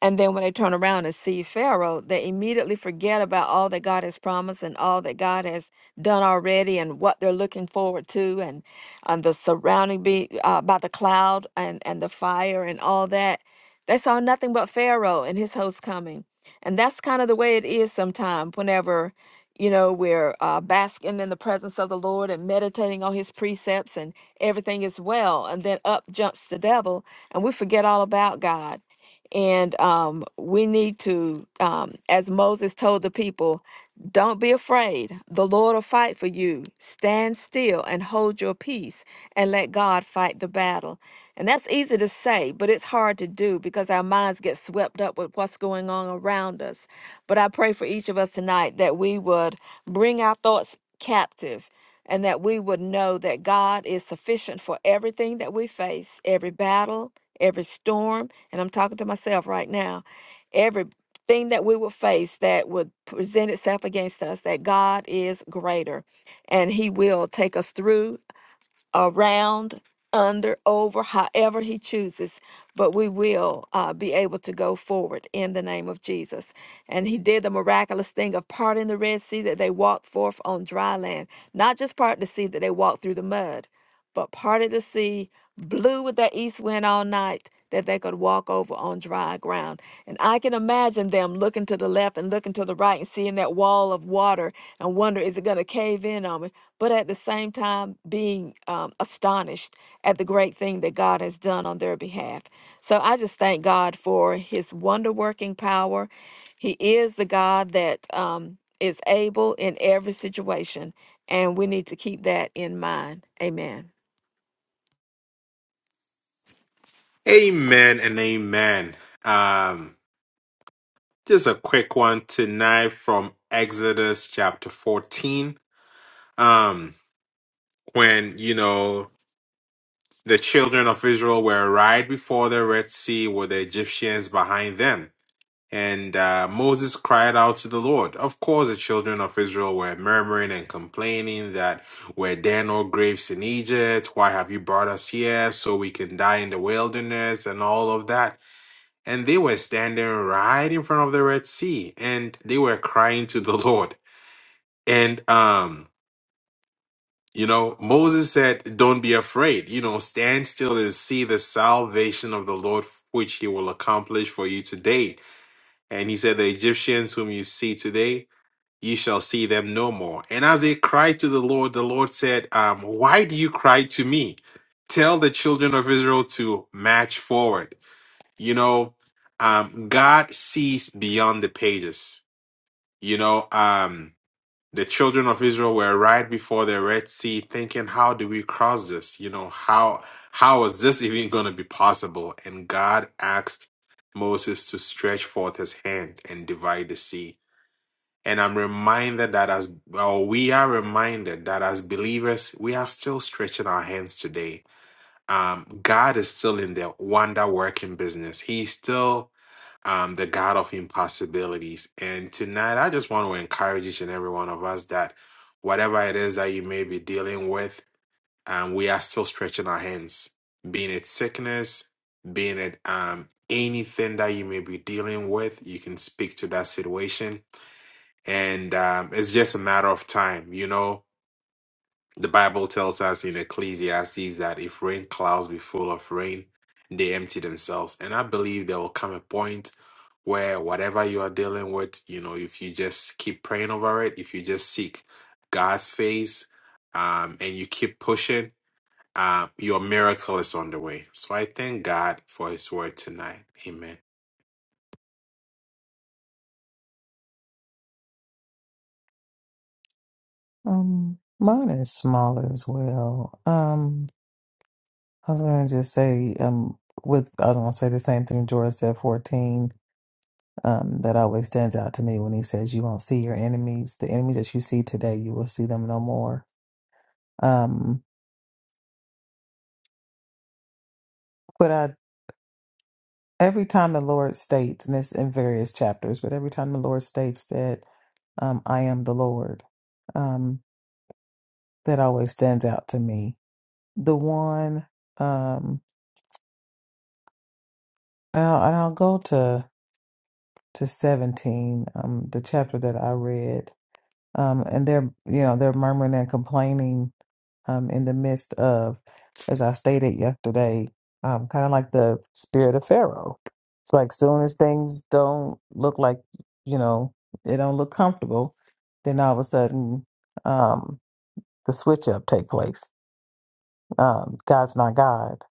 C: and then when they turn around and see Pharaoh, they immediately forget about all that God has promised and all that God has done already and what they're looking forward to and, and the surrounding be, uh, by the cloud and, and the fire and all that. They saw nothing but Pharaoh and his host coming. And that's kind of the way it is sometimes whenever, you know, we're uh, basking in the presence of the Lord and meditating on his precepts and everything is well. And then up jumps the devil and we forget all about God. And um, we need to, um, as Moses told the people, don't be afraid. The Lord will fight for you. Stand still and hold your peace and let God fight the battle. And that's easy to say, but it's hard to do because our minds get swept up with what's going on around us. But I pray for each of us tonight that we would bring our thoughts captive and that we would know that God is sufficient for everything that we face, every battle, every storm, and I'm talking to myself right now, everything that we will face that would present itself against us, that God is greater and He will take us through around, under, over, however he chooses, but we will uh, be able to go forward in the name of Jesus. And he did the miraculous thing of parting the Red Sea that they walked forth on dry land, not just part the sea that they walked through the mud but parted the sea, blew with that east wind all night, that they could walk over on dry ground. And I can imagine them looking to the left and looking to the right and seeing that wall of water and wonder, is it going to cave in on me? But at the same time, being um, astonished at the great thing that God has done on their behalf. So I just thank God for his wonder working power. He is the God that um, is able in every situation. And we need to keep that in mind. Amen.
B: Amen and amen. Um, just a quick one tonight from Exodus chapter 14. Um, when, you know, the children of Israel were right before the Red Sea with the Egyptians behind them. And uh, Moses cried out to the Lord. Of course, the children of Israel were murmuring and complaining that were there no graves in Egypt? Why have you brought us here so we can die in the wilderness and all of that? And they were standing right in front of the Red Sea and they were crying to the Lord. And, um, you know, Moses said, Don't be afraid. You know, stand still and see the salvation of the Lord, which he will accomplish for you today. And he said, The Egyptians whom you see today ye shall see them no more. And as they cried to the Lord, the Lord said, um, Why do you cry to me? Tell the children of Israel to march forward. You know, um, God sees beyond the pages. You know, um, the children of Israel were right before the Red Sea thinking, How do we cross this? You know, how how is this even going to be possible? And God asked Moses to stretch forth his hand and divide the sea and I'm reminded that as, or we are reminded that as believers, we are still stretching our hands today. Um, God is still in the wonder working business. He's still um, the God of impossibilities. And tonight, I just want to encourage each and every one of us that whatever it is that you may be dealing with, um, we are still stretching our hands, being it sickness, being it um, anything that you may be dealing with, you can speak to that situation and um, it's just a matter of time. You know, the Bible tells us in Ecclesiastes that if rain clouds be full of rain, they empty themselves. And I believe there will come a point where whatever you are dealing with, you know, if you just keep praying over it, if you just seek God's face, um, and you keep pushing, uh, your miracle is on the way. So I thank God for His word tonight. Amen.
D: Um, mine is small as well. Um, I was going to just say, um, with I was going to say the same thing George said, 14. Um, that always stands out to me when he says, You won't see your enemies. The enemies that you see today, you will see them no more. Um, but I. every time the Lord states, and it's in various chapters, but every time the Lord states that um, I am the Lord, um, that always stands out to me. The one, um, and I'll, and I'll go to to seventeen, um, the chapter that I read, um, and they're you know they're murmuring and complaining um, in the midst of, as I stated yesterday, um, kind of like the spirit of Pharaoh. It's like soon as things don't look like, you know, they don't look comfortable, then all of a sudden um, the switch up take place. Um, God's not God.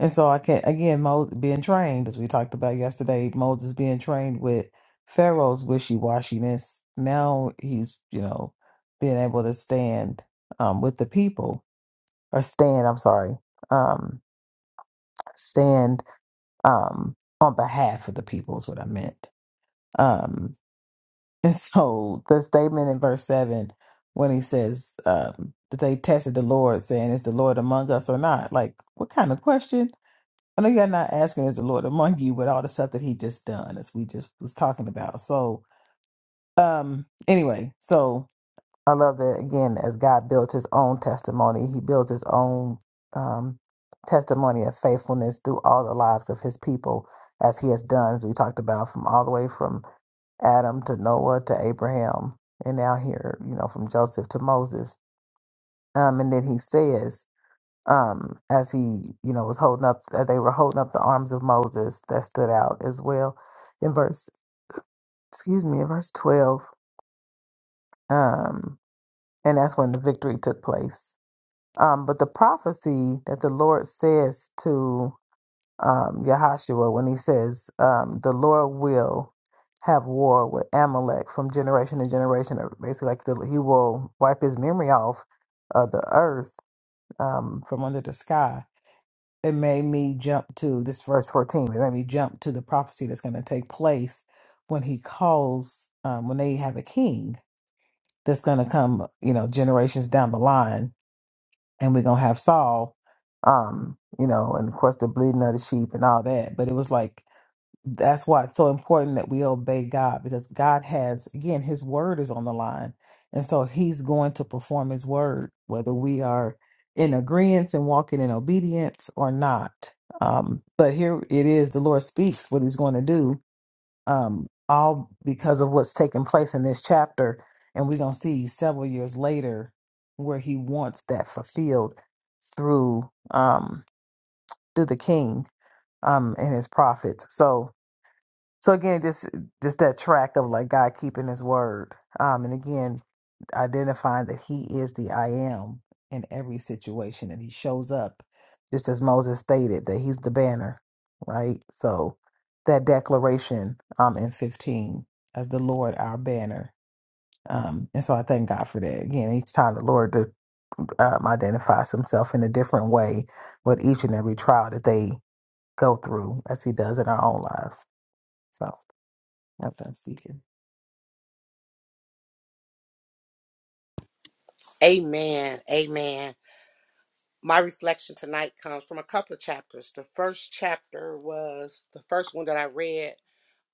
D: And so I can again, Moses being trained, as we talked about yesterday, Moses being trained with Pharaoh's wishy washiness. Now he's, you know, being able to stand um, with the people or stand, I'm sorry, um, stand um, on behalf of the people is what I meant. Um, and so the statement in verse 7 when he says um, that they tested the Lord, saying, Is the Lord among us or not? Like, what kind of question? I know you're not asking, Is the Lord among you with all the stuff that he just done, as we just was talking about. So, um, anyway, so I love that again, as God built his own testimony, he built his own um, testimony of faithfulness through all the lives of his people, as he has done, as we talked about, from all the way from Adam to Noah to Abraham, and now here, you know, from Joseph to Moses. Um, and then he says, um, as he, you know, was holding up, uh, they were holding up the arms of Moses that stood out as well in verse, excuse me, in verse 12. Um, and that's when the victory took place Um, but the prophecy that the Lord says to um, Yahashua when he says, um, the Lord will have war with Amalek from generation to generation, or basically, like the, he will wipe his memory off of the earth um, from under the sky. It made me jump to this verse 14. It made me jump to the prophecy that's going to take place when he calls, um, when they have a king that's going to come, you know, generations down the line and we're gonna have Saul, um, you know, and of course the bleeding of the sheep and all that. But it was like that's why it's so important that we obey God because God has again His word is on the line, and so He's going to perform His word whether we are in agreement and walking in obedience or not. Um, but here it is: the Lord speaks what He's going to do, um, all because of what's taking place in this chapter. And we're going to see several years later where he wants that fulfilled through um, through the king um, and his prophets. So so again, just just that track of like God keeping his word. Um, and again, identifying that he is the I am in every situation and he shows up just as Moses stated that he's the banner, right? So that declaration um in 15 as the Lord our banner. Um and so I thank God for that. Again, each time the Lord um, identifies himself in a different way with each and every trial that they go through as he does in our own lives. So I'm done speaking.
A: Amen. Amen. My reflection tonight comes from a couple of chapters. The first chapter was the first one that I read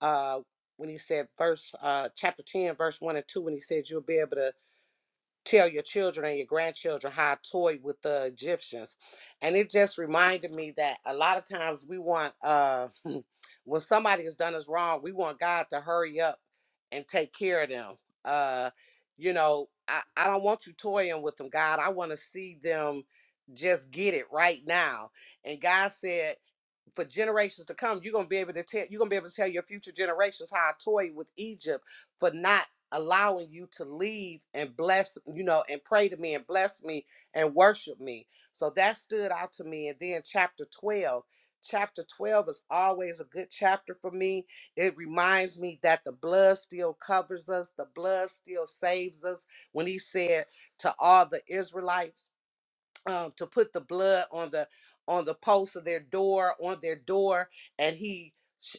A: uh, when he said verse uh, chapter 10 verse 1 and 2 when he said you'll be able to tell your children and your grandchildren how I toyed with the Egyptians. And it just reminded me that a lot of times we want uh when somebody has done us wrong, we want God to hurry up and take care of them. Uh you know, I, I don't want you toying with them, God. I want to see them just get it right now. And God said for generations to come, you're gonna be able to tell you're gonna be able to tell your future generations how I toyed with Egypt for not allowing you to leave and bless, you know, and pray to me and bless me and worship me. So that stood out to me. And then chapter 12. Chapter 12 is always a good chapter for me. It reminds me that the blood still covers us, the blood still saves us. When he said to all the Israelites, um, to put the blood on the on the post of their door on their door and he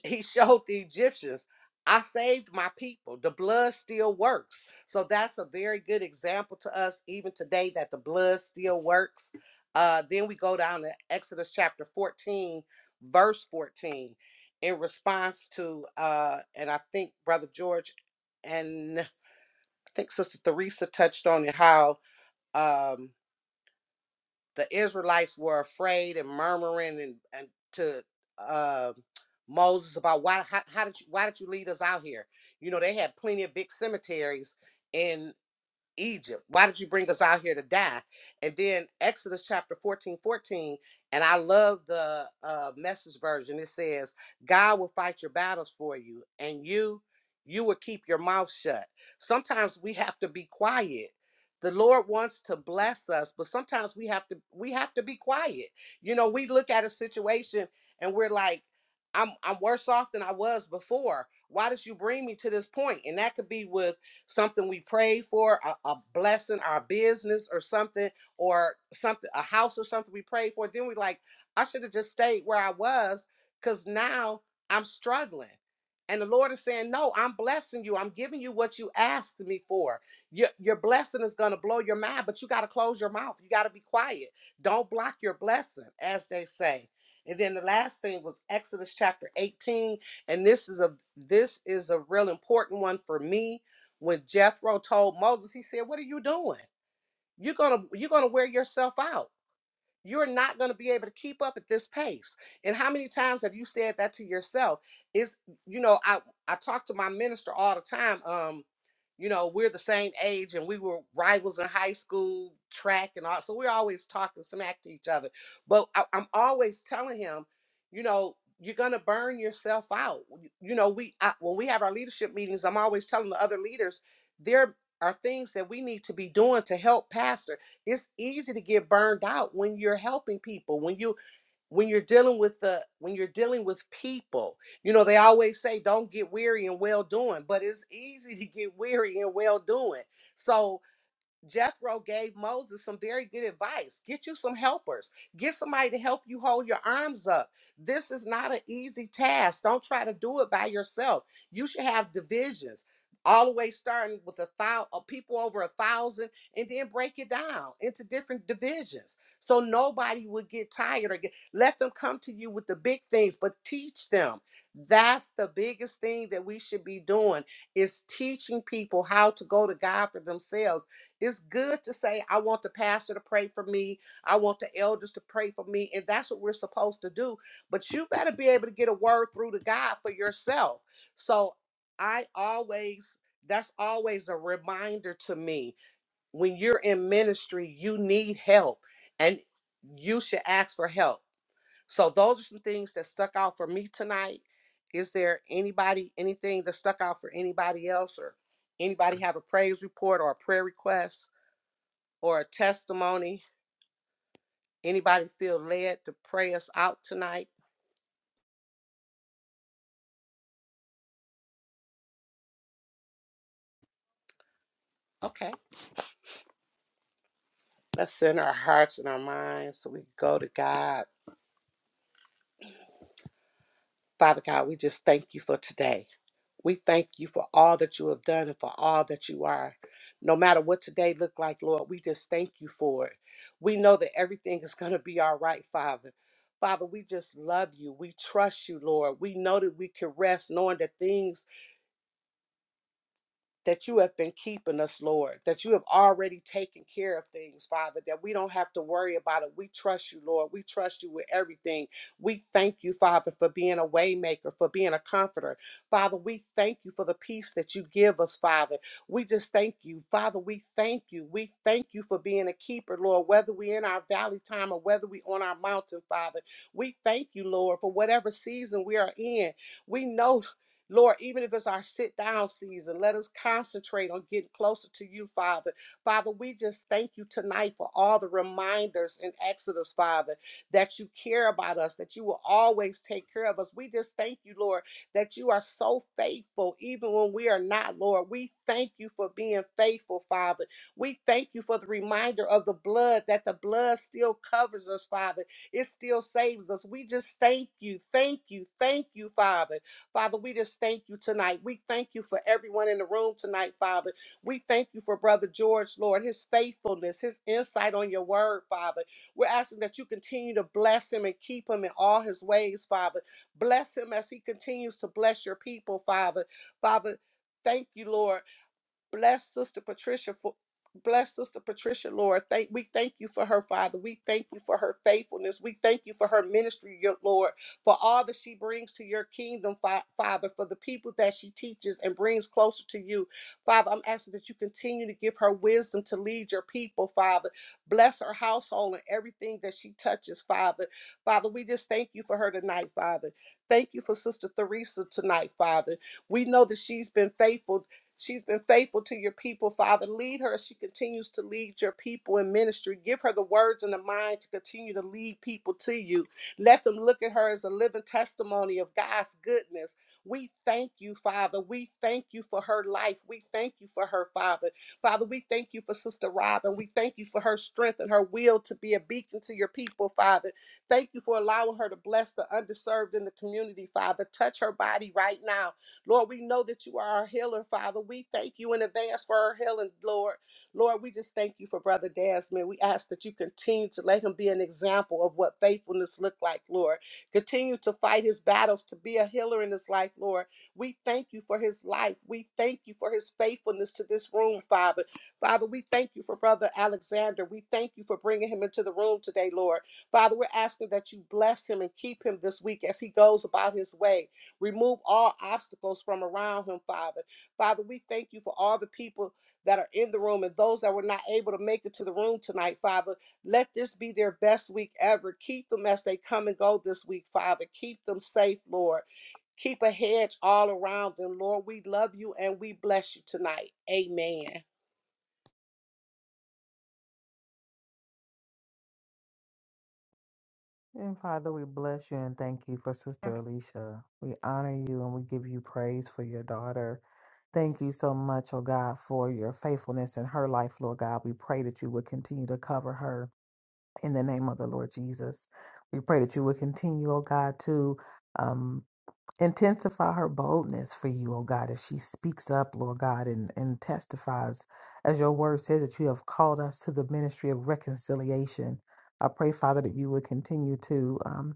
A: he showed the egyptians i saved my people the blood still works so that's a very good example to us even today that the blood still works uh, then we go down to exodus chapter 14 verse 14 in response to uh, and i think brother george and i think sister theresa touched on it how um, the Israelites were afraid and murmuring and, and to uh, Moses about why how, how did you why did you lead us out here? You know they had plenty of big cemeteries in Egypt? Why did you bring us out here to die? And then Exodus chapter 14, 14. and I love the uh, message version. It says, God will fight your battles for you, and you, you will keep your mouth shut. Sometimes we have to be quiet. The Lord wants to bless us, but sometimes we have to we have to be quiet. You know, we look at a situation and we're like, I'm I'm worse off than I was before. Why did you bring me to this point? And that could be with something we prayed for, a, a blessing, our business or something, or something, a house or something we prayed for. Then we like, I should have just stayed where I was because now I'm struggling. And the Lord is saying, No, I'm blessing you. I'm giving you what you asked me for. Your, your blessing is going to blow your mind, but you got to close your mouth. You got to be quiet. Don't block your blessing, as they say. And then the last thing was Exodus chapter 18. And this is a this is a real important one for me when Jethro told Moses, he said, "What are you doing? You're gonna you're gonna wear yourself out. You're not gonna be able to keep up at this pace." And how many times have you said that to yourself? It's you know I I talk to my minister all the time. Um, you know, we're the same age and we were rivals in high school, track and all. So we're always talking smack to each other. But I, I'm always telling him, you know, you're gonna burn yourself out. You you know, we I, when we have our leadership meetings, I'm always telling the other leaders there are things that we need to be doing to help pastor. It's easy to get burned out when you're helping people. When you when you're dealing with the when you're dealing with people you know they always say don't get weary and well doing but it's easy to get weary and well doing so Jethro gave Moses some very good advice. Get you some helpers. Get somebody to help you hold your arms up. This is not an easy task. Don't try to do it by yourself. You should have divisions, all the way starting with a thousand people over a thousand, and then break it down into different divisions. So nobody would get tired or get. Let them come to you with the big things, but teach them. That's the biggest thing that we should be doing is teaching people how to go to God for themselves it's good to say, I want the pastor to pray for me. I want the elders to pray for me. And that's what we're supposed to do. But you better be able to get a word through to God for yourself. So I always, that's always a reminder to me. When you're in ministry, you need help and you should ask for help. So those are some things that stuck out for me tonight. Is there anybody, anything that stuck out for anybody else or anybody have a praise report or a prayer request? or a testimony? Anybody feel led to pray us out tonight? Okay. Let's send our hearts and our minds so we can go to God. Father God, we just thank you for today. We thank you for all that you have done and for all that you are. No matter what today looked like, Lord, we just thank you for it. We know that everything is going to be all right, Father. Father, we just love you. We trust you, Lord. We know that we can rest knowing that things that you have been keeping us, Lord, that you have already taken care of things, Father, that we don't have to worry about it. We trust you, Lord. We trust you with everything. We thank you, Father, for being a waymaker, for being a comforter. Father, we thank you for the peace that you give us, Father. We just thank you. Father, we thank you. We thank you for being a keeper, Lord, whether we're in our valley time or whether we are on our mountain, Father. We thank you, Lord, for whatever season we are in. We know, Lord, even if it's our sit down season, let us concentrate on getting closer to you, Father. Father, we just thank you tonight for all the reminders in Exodus, Father, that you care about us, that you will always take care of us. We just thank you, Lord, that you are so faithful, even when we are not, Lord. We thank you for being faithful, Father. We thank you for the reminder of the blood, that the blood still covers us, Father. It still saves us. We just thank you, thank you, thank you, Father. Father, we just thank you tonight. We thank you for everyone in the room tonight, Father. We thank you for Brother George, Lord, his faithfulness, his insight on your word, Father. We're asking that you continue to bless him and keep him in all his ways, Father. Bless him as he continues to bless your people, Father. Father, thank you, Lord. Bless Sister Patricia for bless Sister Patricia, Lord. Thank we thank you for her, Father. We thank you for her faithfulness. We thank you for her ministry, your Lord, for all that she brings to your kingdom, Fa- Father, for the people that she teaches and brings closer to you. Father, I'm asking that you continue to give her wisdom to lead your people, Father. Bless her household and everything that she touches, Father. Father, we just thank you for her tonight, Father. Thank you for Sister Theresa tonight, Father. We know that she's been faithful She's been faithful to your people, Father. Lead her as she continues to lead your people in ministry. Give her the words and the mind to continue to lead people to you. Let them look at her as a living testimony of God's goodness. We thank you, Father. We thank you for her life. We thank you for her, Father. Father, we thank you for Sister Robin. We thank you for her strength and her will to be a beacon to your people, Father. Thank you for allowing her to bless the underserved in the community, Father. Touch her body right now. Lord, we know that you are our healer, Father. We thank you in advance for our healing, Lord. Lord, we just thank you for Brother Desmond. We ask that you continue to let him be an example of what faithfulness looked like, Lord. Continue to fight his battles, to be a healer in his life, Lord. We thank you for his life. We thank you for his faithfulness to this room, Father. Father, we thank you for Brother Alexander. We thank you for bringing him into the room today, Lord. Father, we're asking that you bless him and keep him this week as he goes about his way. Remove all obstacles from around him, Father. Father, we thank you for all the people that are in the room and those that were not able to make it to the room tonight, Father. Let this be their best week ever. Keep them as they come and go this week, Father. Keep them safe, Lord. Keep a hedge all around them, Lord. We love you and we bless you tonight. Amen.
D: And Father, we bless you and thank you for Sister Alicia. We honor you and we give you praise for your daughter. Thank you so much, oh God, for your faithfulness in her life, Lord God. We pray that you would continue to cover her in the name of the Lord Jesus. We pray that you would continue, oh God, to um, Intensify her boldness for you, oh God, as she speaks up, Lord God, and, and testifies, as your word says, that you have called us to the ministry of reconciliation. I pray, Father, that you would continue to. um,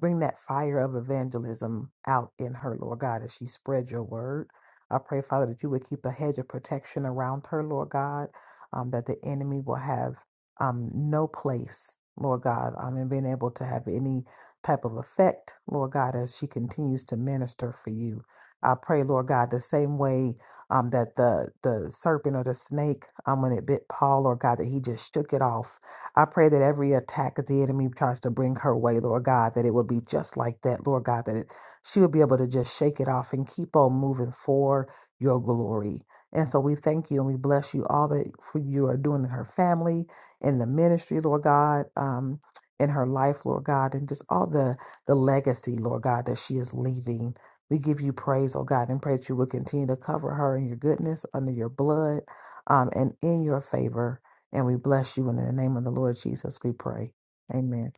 D: bring that fire of evangelism out in her, Lord God, as she spreads your word. I pray, Father, that you would keep a hedge of protection around her, Lord God, um, that the enemy will have um, no place, Lord God, um, and being able to have any type of effect, Lord God, as she continues to minister for you. I pray, Lord God, the same way um, that the the serpent or the snake, um, when it bit Paul, Lord God, that he just shook it off I pray that every attack that the enemy tries to bring her way, Lord God, that it would be just like that, Lord God, that it, she would be able to just shake it off and keep on moving for your glory. And so we thank you and we bless you all that for you are doing in her family, in the ministry, Lord God, um, in her life, Lord God, and just all the the legacy, Lord God, that she is leaving. We give you praise, oh God, and pray that you will continue to cover her in your goodness, under your blood, um, and in your favor. And we bless you. in the name of the Lord Jesus, we pray. Amen.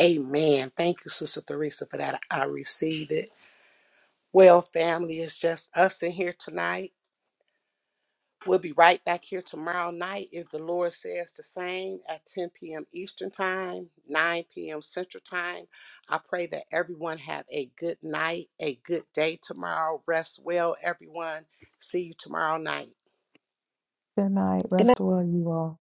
A: Amen. Thank you, Sister Theresa, for that. I receive it. Well, family, it's just us in here tonight. We'll be right back here tomorrow night if the Lord says the same at 10 p.m. Eastern Time, 9 p.m. Central Time. I pray that everyone have a good night, a good day tomorrow. Rest well, everyone. See you tomorrow night.
D: Good night.
C: good
D: Rest well, you all.